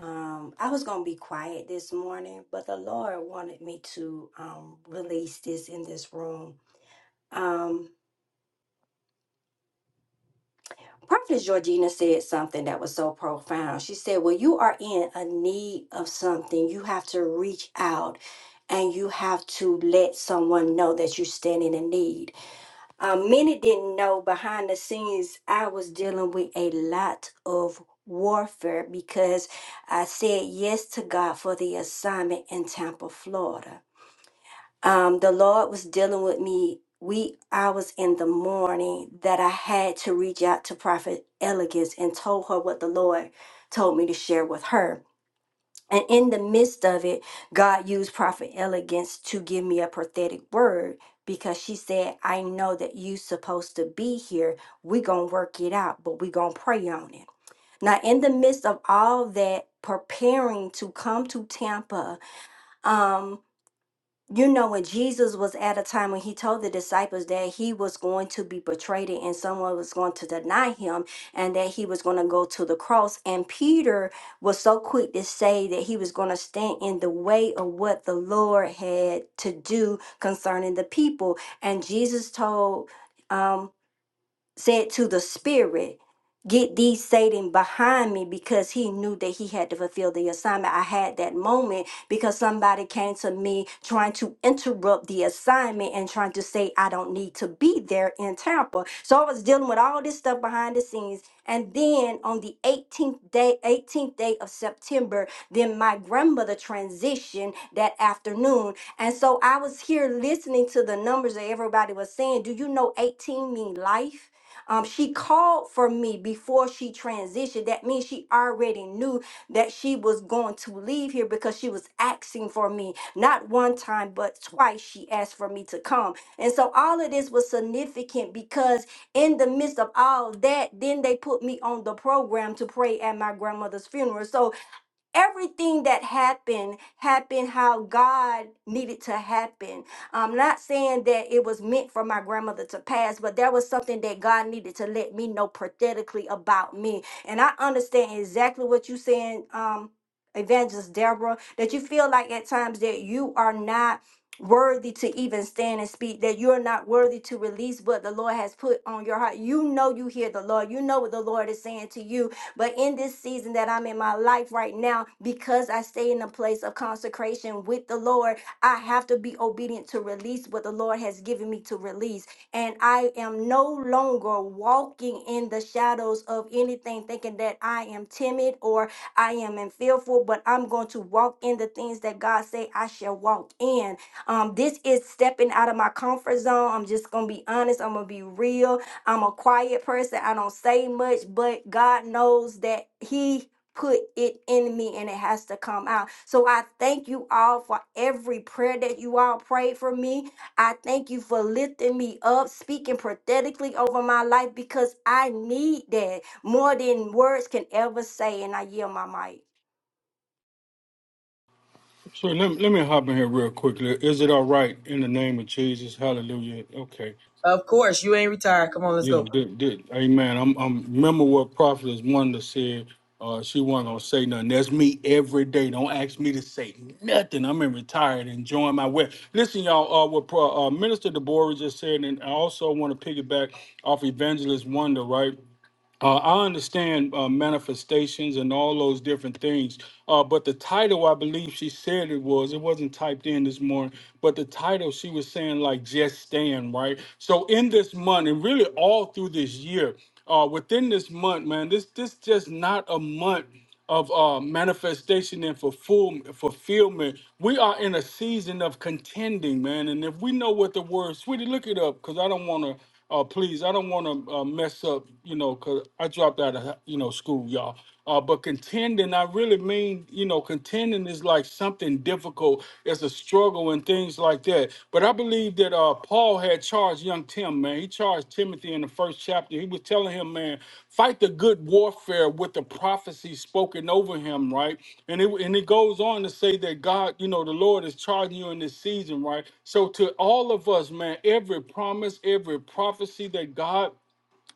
Um, I was gonna be quiet this morning, but the Lord wanted me to um release this in this room. Um, Prophetess Georgina said something that was so profound. She said, When you are in a need of something, you have to reach out and you have to let someone know that you stand in a need. Uh, many didn't know behind the scenes I was dealing with a lot of warfare because I said yes to God for the assignment in Tampa, Florida. Um, the Lord was dealing with me wee hours in the morning that I had to reach out to Prophet Elegance and told her what the Lord told me to share with her and in the midst of it, God used Prophet Elegance to give me a prophetic word because she said, I know that you supposed to be here. we going to work it out, but we going to pray on it. Now, in the midst of all that preparing to come to Tampa, um, you know, when Jesus was at a time when he told the disciples that he was going to be betrayed and someone was going to deny him and that he was going to go to the cross, and Peter was so quick to say that he was going to stand in the way of what the Lord had to do concerning the people. And Jesus told, um, said to the spirit, Get thee, Satan, behind me, because he knew that he had to fulfill the assignment. I had that moment because somebody came to me trying to interrupt the assignment and trying to say, I don't need to be there in Tampa. So I was dealing with all this stuff behind the scenes. And then on the 18th day, 18th day of September, then my grandmother transitioned that afternoon. And so I was here listening to the numbers that everybody was saying. Do you know 18 mean life? Um, she called for me before she transitioned. That means she already knew that she was going to leave here because she was asking for me. Not one time, but twice she asked for me to come. And so all of this was significant because in the midst of all that, then they put me on the program to pray at my grandmother's funeral. So everything that happened happened how God needed to happen. I'm not saying that it was meant for my grandmother to pass, but there was something that God needed to let me know prophetically about me. And I understand exactly what you're saying, um, Evangelist Deborah, that you feel like at times that you are not worthy to even stand and speak that you are not worthy to release what the lord has put on your heart you know you hear the lord you know what the lord is saying to you but in this season that I'm in my life right now, because I stay in a place of consecration with the Lord, I have to be obedient to release what the Lord has given me to release. And I am no longer walking in the shadows of anything, thinking that I am timid or I am in fearful, but I'm going to walk in the things that God say I shall walk in. Um, this is stepping out of my comfort zone. I'm just gonna be honest, I'm gonna be real I'm a quiet person. I don't say much, but God knows that He put it in me and it has to come out. So I thank you all for every prayer that you all prayed for me. I thank you for lifting me up, speaking prophetically over my life because I need that more than words can ever say. And I yield my mic. So let, let me hop in here real quickly. Is it all right in the name of Jesus? Hallelujah. Okay. Of course, you ain't retired. Come on, let's Yeah, go. did, did. Amen. I'm, I'm remember what prophetess Wanda said. Uh, she wasn't gonna say nothing. That's me every day. Don't ask me to say nothing. I'm in retired, enjoying my way. Listen, y'all. Uh, what Pro- uh, Minister Deborah just said, and I also want to piggyback off Evangelist Wanda, right? Uh, I understand uh, manifestations and all those different things, uh, but the title, I believe she said it was, it wasn't typed in this morning, but the title she was saying, like, just stand, right? So, in this month, and really all through this year, uh, within this month, man, this this just not a month of uh, manifestation and fulfill- fulfillment. We are in a season of contending, man. And if we know what the word, sweetie, look it up, because I don't want to, uh, please, I don't want to uh, mess up, you know, because I dropped out of, you know, school, y'all. Uh, but contending, I really mean, you know, contending is like something difficult. It's a struggle and and things like that. But I believe that uh, Paul had charged young Tim, man. He charged Timothy in the first chapter. He was telling him, man, fight the good warfare with the prophecy spoken over him, right? And it and it goes on to say that God, you know, the Lord is charging you in this season, right? So to all of us, man, every promise, every prophecy that God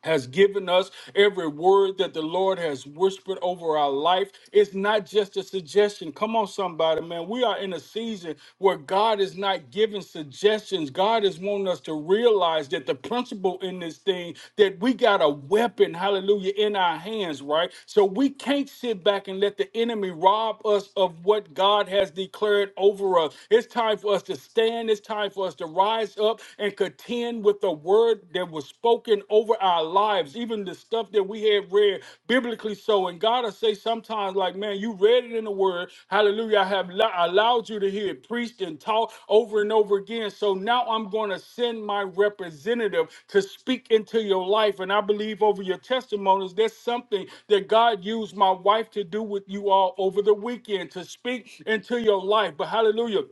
has given us, every word that the Lord has whispered over our life. It's not just a suggestion. Come on, somebody, man. We are in a season where God is not giving suggestions. God is wanting us to realize that the principle in this thing that we got a weapon, hallelujah, in our hands, right? So we can't sit back and let the enemy rob us of what God has declared over us. It's time for us to stand. It's time for us to rise up and and contend with the word that was spoken over our lives, even the stuff that we have read biblically. So, and God will say sometimes, like, man, you read it in the word. Hallelujah. I have lo- allowed you to hear it preached and taught over and over again. So now I'm going to send my representative to speak into your life. And I believe over your testimonies, there's something that God used my wife to do with you all over the weekend to speak into your life. But hallelujah.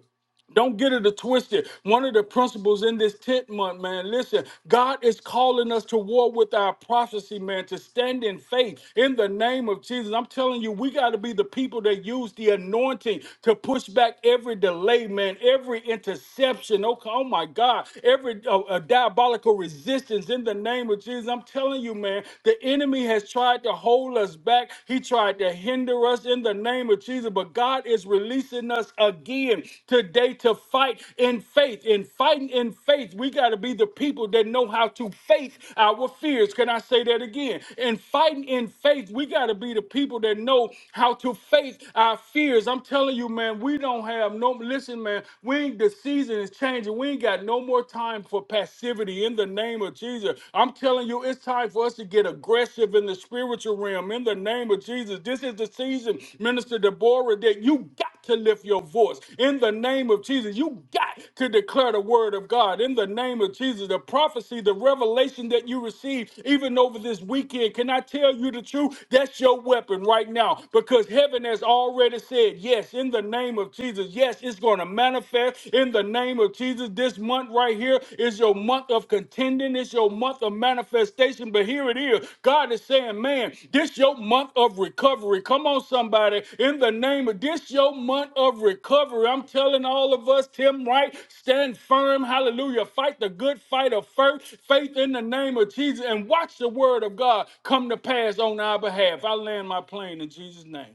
Don't get it twisted. One of the principles in this 10th month, man, listen, God is calling us to war with our prophecy, man, to stand in faith in the name of Jesus. I'm telling you, we got to be the people that use the anointing to push back every delay, man, every interception. Oh, oh my God, every uh, uh, diabolical resistance in the name of Jesus. I'm telling you, man, the enemy has tried to hold us back. He tried to to hinder us in the name of Jesus, but God is releasing us again today to fight in faith. In fighting in faith, we got to be the people that know how to face our fears. Can I say that again? In fighting in faith, we got to be the people that know how to face our fears. I'm telling you, man, we don't have no, listen, man, we ain't, the season is changing. We ain't got no more time for passivity in the name of Jesus. I'm I'm telling you, it's time for us to get aggressive in the spiritual realm in the name of Jesus. This is the season, Minister Deborah, that you got to lift your voice in the name of Jesus. You got to declare the word of God in the name of Jesus. The prophecy, the revelation that you received even over this weekend. Can I tell you the truth? That's your weapon right now because heaven has already said yes in the name of Jesus. Yes, it's going to manifest in in the name of Jesus. This month right here is your month of contending. It's your month of manifestation. But here it is. God is saying, man, this your month of recovery. Come on, somebody. In the name of this your month of recovery. I'm telling all of us, Tim Wright, stand firm. Hallelujah. Fight the good fight of faith, faith in the name of Jesus, and watch the word of God come to pass on our behalf. I land my plane in Jesus' name.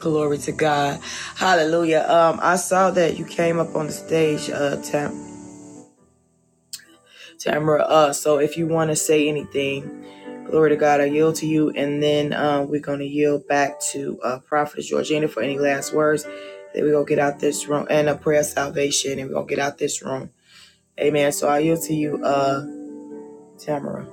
Glory to God. Hallelujah. Um, I saw that you came up on the stage, uh, Tam- Tamara. Uh, so if you want to say anything, glory to God, I yield to you. And then, um, we're going to yield back to, uh, Prophet Georgina for any last words. Then we're going to get out this room and a prayer of salvation and we're going to get out this room. Amen. So I yield to you, uh, Tamara.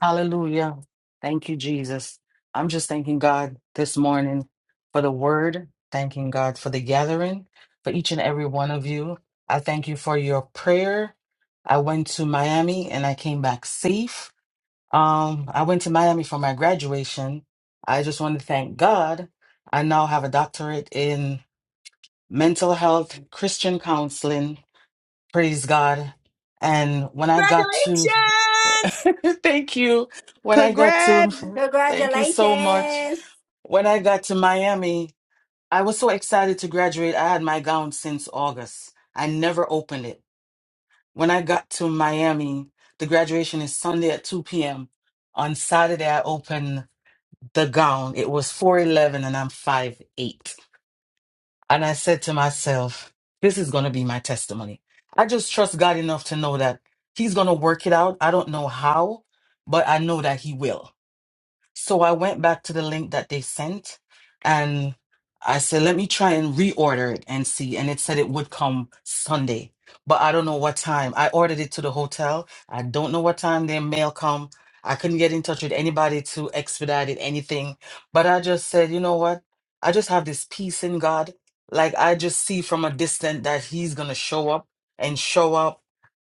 Hallelujah. Thank you, Jesus. I'm just thanking God this morning for the word, thanking God for the gathering, for each and every one of you. I thank you for your prayer. I went to Miami and I came back safe. Um, I went to Miami for my graduation. I just want to thank God. I now have a doctorate in mental health, Christian counseling, Praise God. And when I got to, Congratulations! thank you. When I got to, Congrats. thank you so much. Congratulations. When I got to Miami, I was so excited to graduate. I had my gown since August. I never opened it. When I got to Miami, the graduation is Sunday at 2 p.m. On Saturday, I opened the gown. It was 4'11 and I'm five eight. And I said to myself, this is going to be my testimony. I just trust God enough to know that He's going to work it out. I don't know how, but I know that He will. So I went back to the link that they sent and I said, let me try and reorder it and see. And it said it would come Sunday, but I don't know what time. I ordered it to the hotel. I don't know what time their mail come. I couldn't get in touch with anybody to expedite it, anything. But I just said, you know what? I just have this peace in God. Like I just see from a distance that He's gonna show up and show up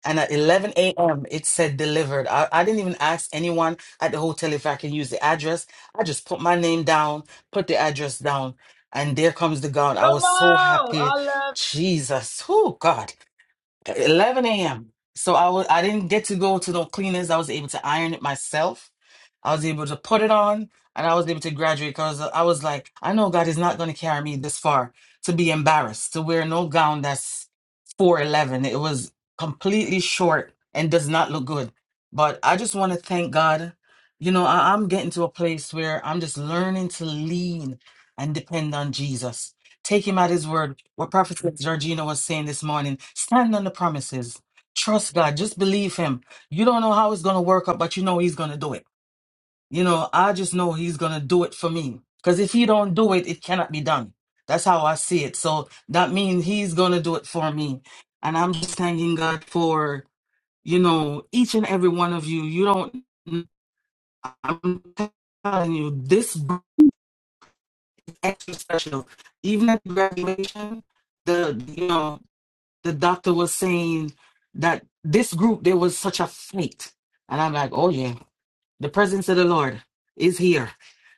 and at 11 a.m., it said delivered. I, I didn't even ask anyone at the hotel if I can use the address. I just put my name down, put the address down, and there comes the gown. I was so happy. Jesus, oh God. 11 a.m. So I was I didn't get to go to the cleaners. I was able to iron it myself. I was able to put it on and I was able to graduate because I was like, I know God is not going to carry me this far to be embarrassed, to wear no gown that's 411. It was completely short and does not look good. But I just want to thank God. You know, I, I'm getting to a place where I'm just learning to lean and depend on Jesus. Take him at his word what Prophet Georgina was saying this morning stand on the promises. Trust God. Just believe Him. You don't know how it's going to work out, but you know He's going to do it. You know, I just know He's going to do it for me. Because if He don't do it, it cannot be done. That's how I see it. So that means He's going to do it for me. And I'm just thanking God for, you know, each and every one of you. You don't, I'm telling you, this book is extra special. Even at graduation, the, you know, the doctor was saying that this group there was such a fight and i'm like oh yeah the presence of the Lord is here.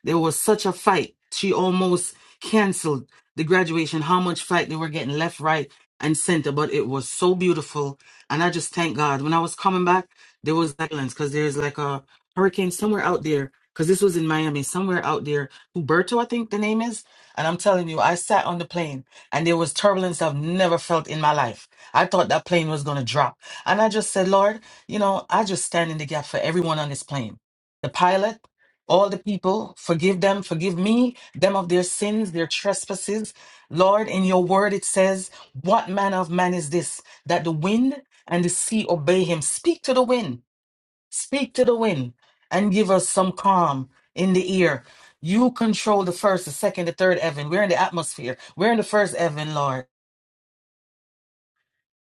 There was such a fight. She almost canceled the graduation, how much fight they were getting left, right, and center. But it was so beautiful. And I just thank God. When I was coming back, there was silence because there's like a hurricane somewhere out there. Because this was in Miami, somewhere out there, Huberto, I think the name is. And I'm telling you, I sat on the plane and there was turbulence I've never felt in my life. I thought that plane was going to drop. And I just said, Lord, you know, I just stand in the gap for everyone on this plane the pilot, all the people, forgive them, forgive me, them of their sins, their trespasses. Lord, in your word it says, What manner of man is this that the wind and the sea obey him? Speak to the wind, speak to the wind, and give us some calm in the ear. You control the first, the second, the third heaven. We're in the atmosphere. We're in the first heaven, Lord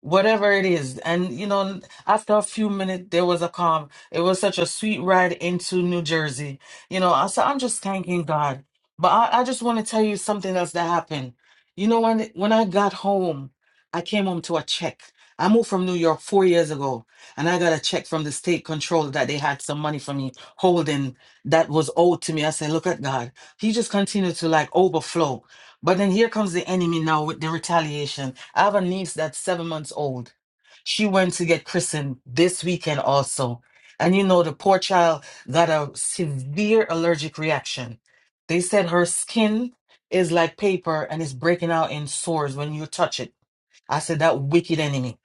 whatever it is and you know after a few minutes there was a calm it was such a sweet ride into new jersey you know I, so i'm just thanking god but i, I just want to tell you something else that happened you know when when i got home i came home to a check i moved from new york four years ago and i got a check from the state control that they had some money for me holding that was owed to me i said look at god he just continued to like overflow but then here comes the enemy now with the retaliation. I have a niece that's seven months old. She went to get christened this weekend also. And you know, the poor child got a severe allergic reaction. They said her skin is like paper and it's breaking out in sores when you touch it. I said, that wicked enemy,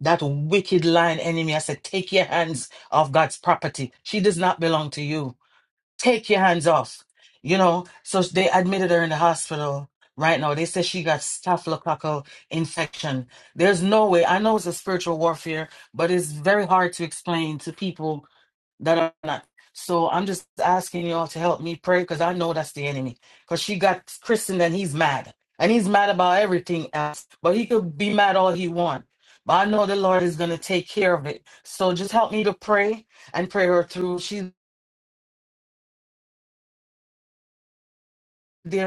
that wicked lying enemy. I said, take your hands off God's property. She does not belong to you take your hands off. You know, so they admitted her in the hospital right now. They say she got staphylococcal infection. There's no way. I know it's a spiritual warfare, but it's very hard to explain to people that are not. So I'm just asking y'all to help me pray because I know that's the enemy. Because she got christened and he's mad. And he's mad about everything else. But he could be mad all he wants. But I know the Lord is going to take care of it. So just help me to pray and pray her through. She's there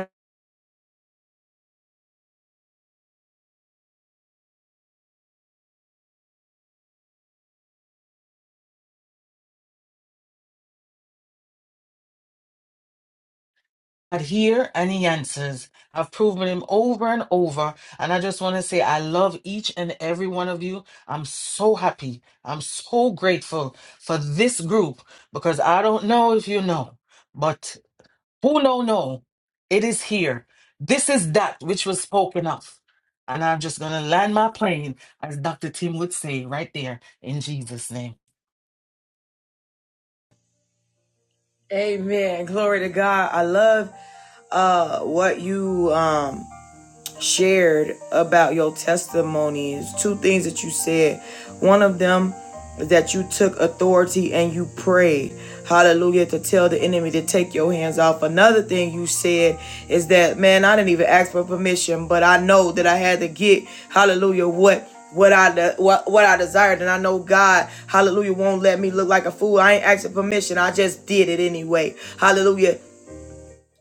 God here and he answers. I've proven him over and over. And I just want to say I love each and every one of you. I'm so happy. I'm so grateful for this group because I don't know if you know, but who know know it is here. This is that which was spoken of. And I'm just gonna land my plane, as Dr. Tim would say, right there in Jesus' name. Amen. Glory to God. I love uh what you um shared about your testimonies. Two things that you said. One of them is that you took authority and you prayed. Hallelujah to tell the enemy to take your hands off. Another thing you said is that man, I didn't even ask for permission, but I know that I had to get hallelujah what what I de- what, what I desired, and I know God, Hallelujah, won't let me look like a fool. I ain't asking permission. I just did it anyway. Hallelujah.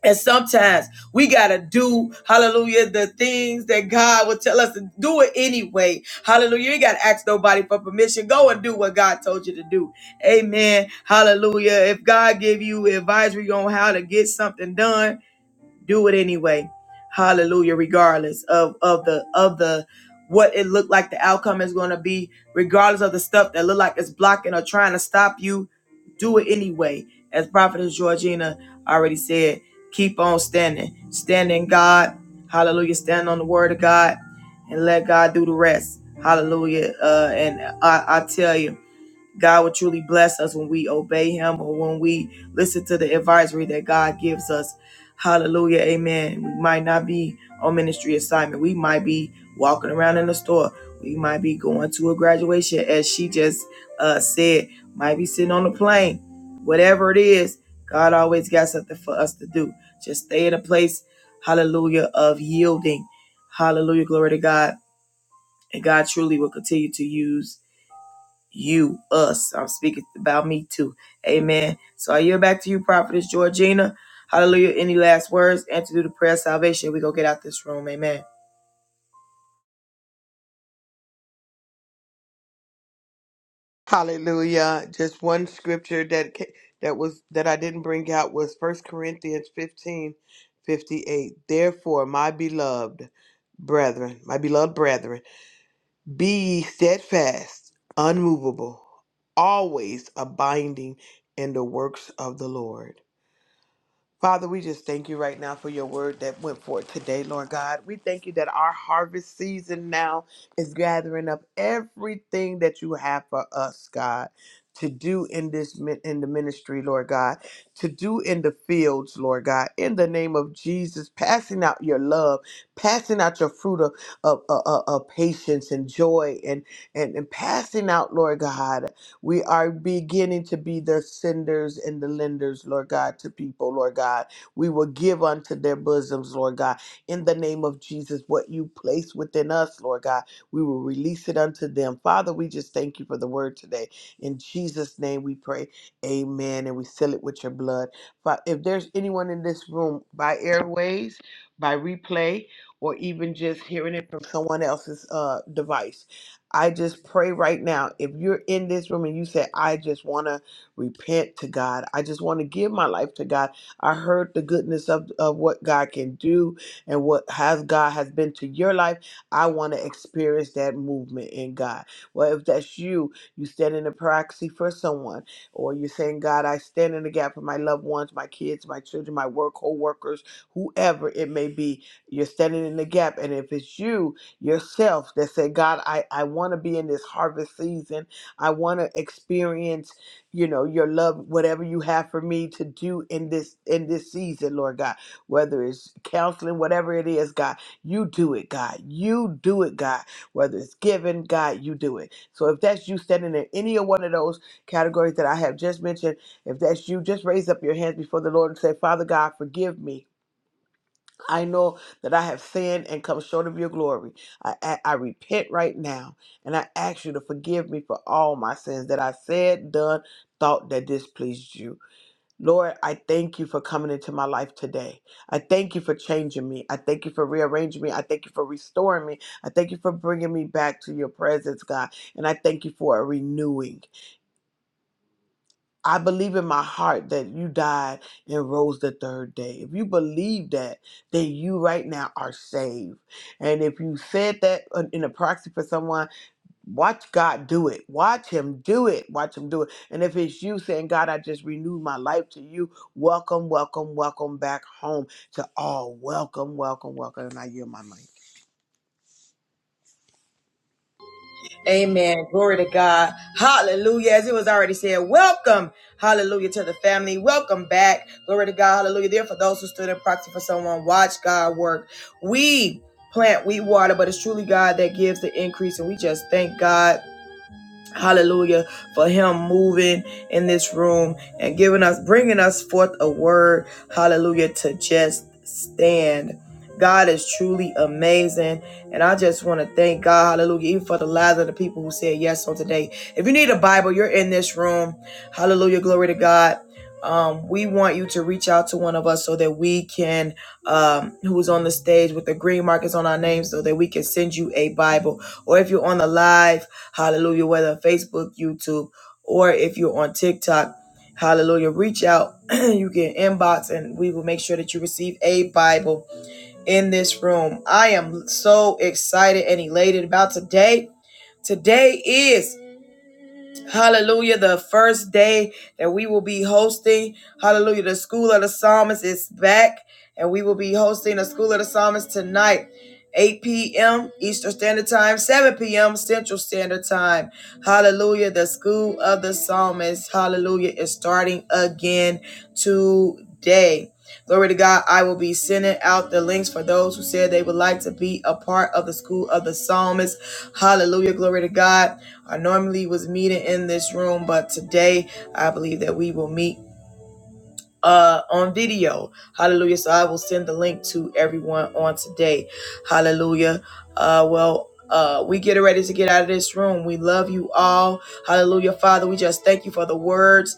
And sometimes we got to do, hallelujah, the things that God will tell us to do it anyway. Hallelujah. You ain't got to ask nobody for permission. Go and do what God told you to do. Amen. Hallelujah. If God give you advisory on how to get something done, do it anyway hallelujah regardless of of the of the what it looked like the outcome is going to be regardless of the stuff that look like it's blocking or trying to stop you do it anyway as prophetess georgina already said keep on standing stand in god hallelujah stand on the word of god and let god do the rest hallelujah uh and i i tell you God will truly bless us when we obey Him or when we listen to the advisory that God gives us. Hallelujah. Amen. We might not be on ministry assignment. We might be walking around in the store. We might be going to a graduation, as she just uh, said, might be sitting on a plane. Whatever it is, God always got something for us to do. Just stay in a place, hallelujah, of yielding. Hallelujah. Glory to God. And God truly will continue to use you, us. I'm speaking about me too. Amen. So I yield back to you, Prophetess Georgina. Hallelujah. Any last words? And to do the prayer of salvation, we go get out this room. Amen. Hallelujah. Just one scripture that ca- that was that I didn't bring out was First Corinthians 15, 58. Therefore, my beloved brethren, my beloved brethren, be ye steadfast, unmovable, always abiding in the works of the Lord. Father, we just thank you right now for your word that went forth today, Lord God. We thank you that our harvest season now is gathering up everything that you have for us, God, to do in this min- in the ministry, Lord God, to do in the fields, Lord God, in the name of Jesus, passing out your love, passing out your fruit of, of, of, of of patience and joy and, and, and passing out, Lord God. We are beginning to be the senders and the lenders, Lord God, to people, Lord God. We will give unto their bosoms, Lord God. In the name of Jesus, what you place within us, Lord God, we will release it unto them. Father, we just thank you for the word today. In Jesus' name we pray. Amen. And we seal it with your blood. Fa- If there's anyone in this room by airways, by replay, or even just hearing it from someone else's uh, device, I just pray right now. If you're in this room and you say, I just want to repent to God, I just want to give my life to God. I heard the goodness of, of what God can do and what has God has been to your life. I want to experience that movement in God. Well, if that's you, you stand in the proxy for someone, or you're saying, God, I stand in the gap for my loved ones, my kids, my children, my work, co workers, whoever it may be. You're standing in the gap. And if it's you, yourself that said, God, I, I want to be in this harvest season. I want to experience, you know, your love, whatever you have for me to do in this in this season, Lord God, whether it's counseling, whatever it is, God, you do it, God. You do it, God. Whether it's giving, God, you do it. So if that's you standing in any of one of those categories that I have just mentioned, if that's you, just raise up your hands before the Lord and say, Father God, forgive me I know that I have sinned and come short of your glory. I, I, I repent right now and I ask you to forgive me for all my sins that I said, done, thought that displeased you. Lord, I thank you for coming into my life today. I thank you for changing me. I thank you for rearranging me. I thank you for restoring me. I thank you for bringing me back to your presence, God. And I thank you for a renewing. I believe in my heart that you died and rose the third day. If you believe that, then you right now are saved. And if you said that in a proxy for someone, watch God do it. Watch Him do it. Watch Him do it. And if it's you saying, God, I just renewed my life to you, welcome, welcome, welcome back home to all. Welcome, welcome, welcome. And I yield my mic. Amen. Glory to God. Hallelujah. As it was already said, welcome. Hallelujah to the family. Welcome back. Glory to God. Hallelujah. There for those who stood in proxy for someone, watch God work. We plant, we water, but it's truly God that gives the increase. And we just thank God Hallelujah for him moving in this room and giving us, bringing us forth a word. Hallelujah to just stand. God is truly amazing. And I just want to thank God, hallelujah, even for the lives of the people who said yes on today. If you need a Bible, you're in this room. Hallelujah, glory to God. Um, we want you to reach out to one of us so that we can, um, who's on the stage with the green markers on our names, so that we can send you a Bible. Or if you're on the live, Hallelujah, whether Facebook, YouTube, or if you're on TikTok. Hallelujah. Reach out. you can inbox and we will make sure that you receive a Bible in this room. I am so excited and elated about today. Today is Hallelujah. The first day that we will be hosting, hallelujah, the School of the Psalmist is back, and we will be hosting the School of the Psalmist tonight. 8 p.m. Eastern Standard Time, 7 p.m. Central Standard Time. Hallelujah. The School of the Psalmist, hallelujah, is starting again today. Glory to God. I will be sending out the links for those who said they would like to be a part of the School of the Psalmist. Hallelujah. Glory to God. I normally was meeting in this room, but today I believe that we will meet uh on video. Hallelujah. So I will send the link to everyone on today. Hallelujah. Uh well uh, we get ready to get out of this room. We love you all. Hallelujah, Father. We just thank you for the words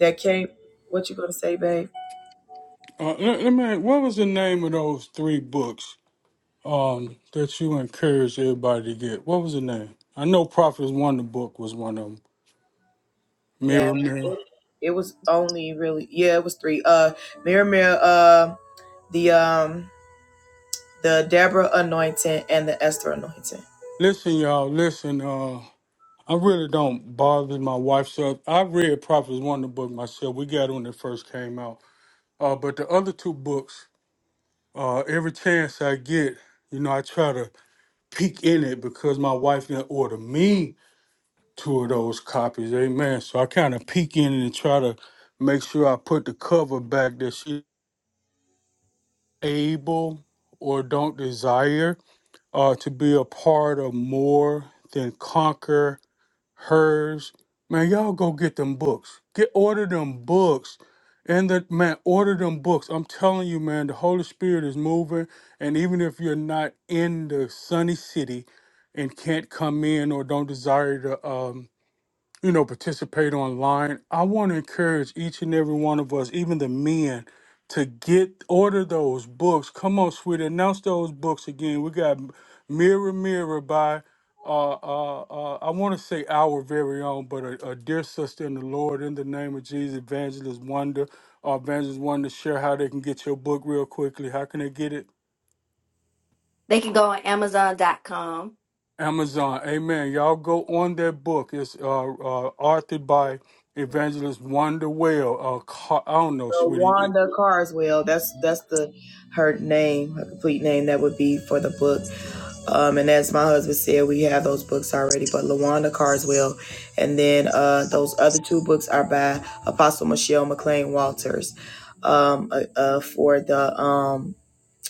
that came. What you gonna say, babe? Uh, let, let me. ask, What was the name of those three books? um that you encourage everybody to get. What was the name? I know Prophets Wonder Book was one of them. Yeah, Mirror, it, mirror. it was only really yeah, it was three. Uh, Miriam, uh, the um, the Deborah anointing and the Esther anointing. Listen, y'all. Listen. Uh, I really don't bother my wife's up. I read Prophets Wonder Book myself. We got it when it first came out. Uh, but the other two books, uh, every chance I get, you know, I try to peek in it because my wife didn't order me two of those copies. Amen. So I kind of peek in it and try to make sure I put the cover back that she able or don't desire uh, to be a part of more than conquer hers man y'all go get them books get order them books and the man order them books i'm telling you man the holy spirit is moving and even if you're not in the sunny city and can't come in or don't desire to um, you know, participate online, I want to encourage each and every one of us, even the men, to get order those books. Come on, sweetie, announce those books again. We got Mirror Mirror by uh uh, uh I want to say our very own, but a, a dear sister in the Lord, in the name of Jesus, Evangelist Wonder, uh, Evangelist Wonder, share how they can get your book real quickly. How can they get it? They can go on Amazon.com. Amazon. Amen. Y'all go on that book. It's uh, uh authored by Evangelist Wanda Whale. Uh, Car- I don't know, So sweetie. Wanda Carswell. That's that's the her name, her complete name. That would be for the book. Um, and as my husband said, we have those books already. But Lawanda Carswell, and then uh, those other two books are by Apostle Michelle McLean Walters, um, uh, uh, for the um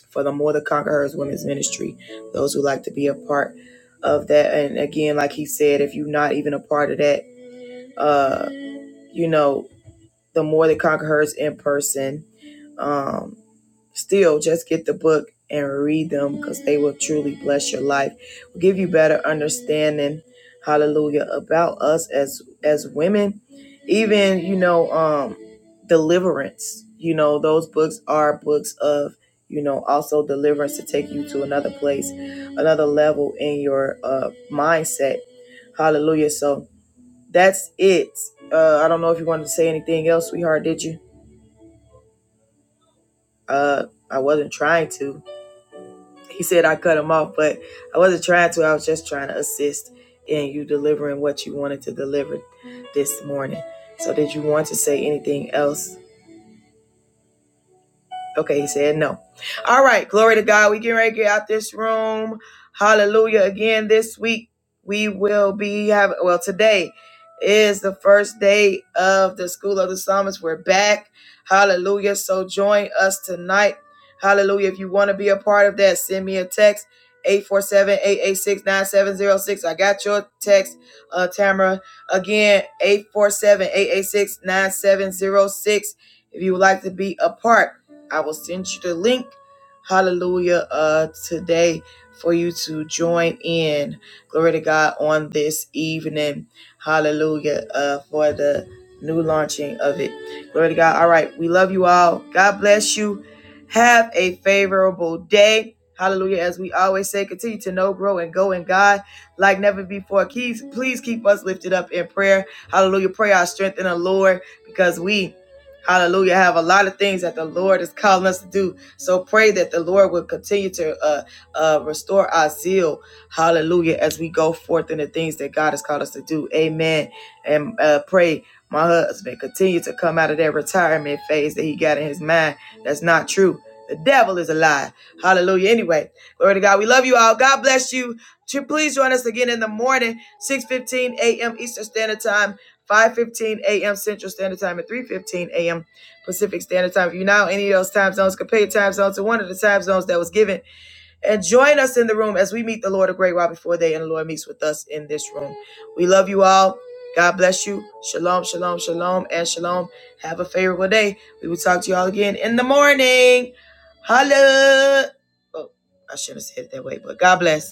for the More to Conquer Hers Women's Ministry. Those who like to be a part of that, and again, like he said, if you're not even a part of that, uh, you know, the More to Conquer Hers in person. Um, Still, just get the book and read them because they will truly bless your life, will give you better understanding, hallelujah, about us as as women, even you know, um, deliverance. You know, those books are books of you know also deliverance to take you to another place, another level in your uh, mindset. Hallelujah. So that's it. Uh, I don't know if you wanted to say anything else, sweetheart. Did you? Uh, I wasn't trying to. He said I cut him off, but I wasn't trying to. I was just trying to assist in you delivering what you wanted to deliver this morning. So, did you want to say anything else Okay, he said no. All right, glory to God. We getting ready to get out this room. Hallelujah. Again, this week we will be having, well, today is the first day of the School of the Psalmist. We're back. Hallelujah. So join us tonight. Hallelujah. If you want to be a part of that, send me a text. eight four seven eight eight six nine seven zero six. I got your text, uh, Tamara. Again, eight four seven eight eight six nine seven zero six. If you would like to be a part I will send you the link. Hallelujah. Uh today for you to join in. Glory to God on this evening. Hallelujah. Uh for the new launching of it. Glory to God. All right. We love you all. God bless you. Have a favorable day. Hallelujah. As we always say, continue to know, grow, and go in God like never before. Please, please keep us lifted up in prayer. Hallelujah. Pray our strength in the Lord because we Hallelujah. I have a lot of things that the Lord is calling us to do. So pray that the Lord will continue to uh, uh, restore our zeal. Hallelujah. As we go forth in the things that God has called us to do. Amen. And uh, pray my husband continue to come out of that retirement phase that he got in his mind. That's not true. The devil is a lie. Hallelujah. Anyway, glory to God. We love you all. God bless you. Please join us again in the morning, 6 15 a.m. Eastern Standard Time. 5.15 a.m. Central Standard Time and 3.15 a.m. Pacific Standard Time. If you are now in any of those time zones, compare your time zone to one of the time zones that was given. And join us in the room as we meet the Lord a great while before day and the Lord meets with us in this room. We love you all. God bless you. Shalom, shalom, shalom, and shalom. Have a favorable day. We will talk to you all again in the morning. Holla. Oh, I shouldn't have said it that way, but God bless.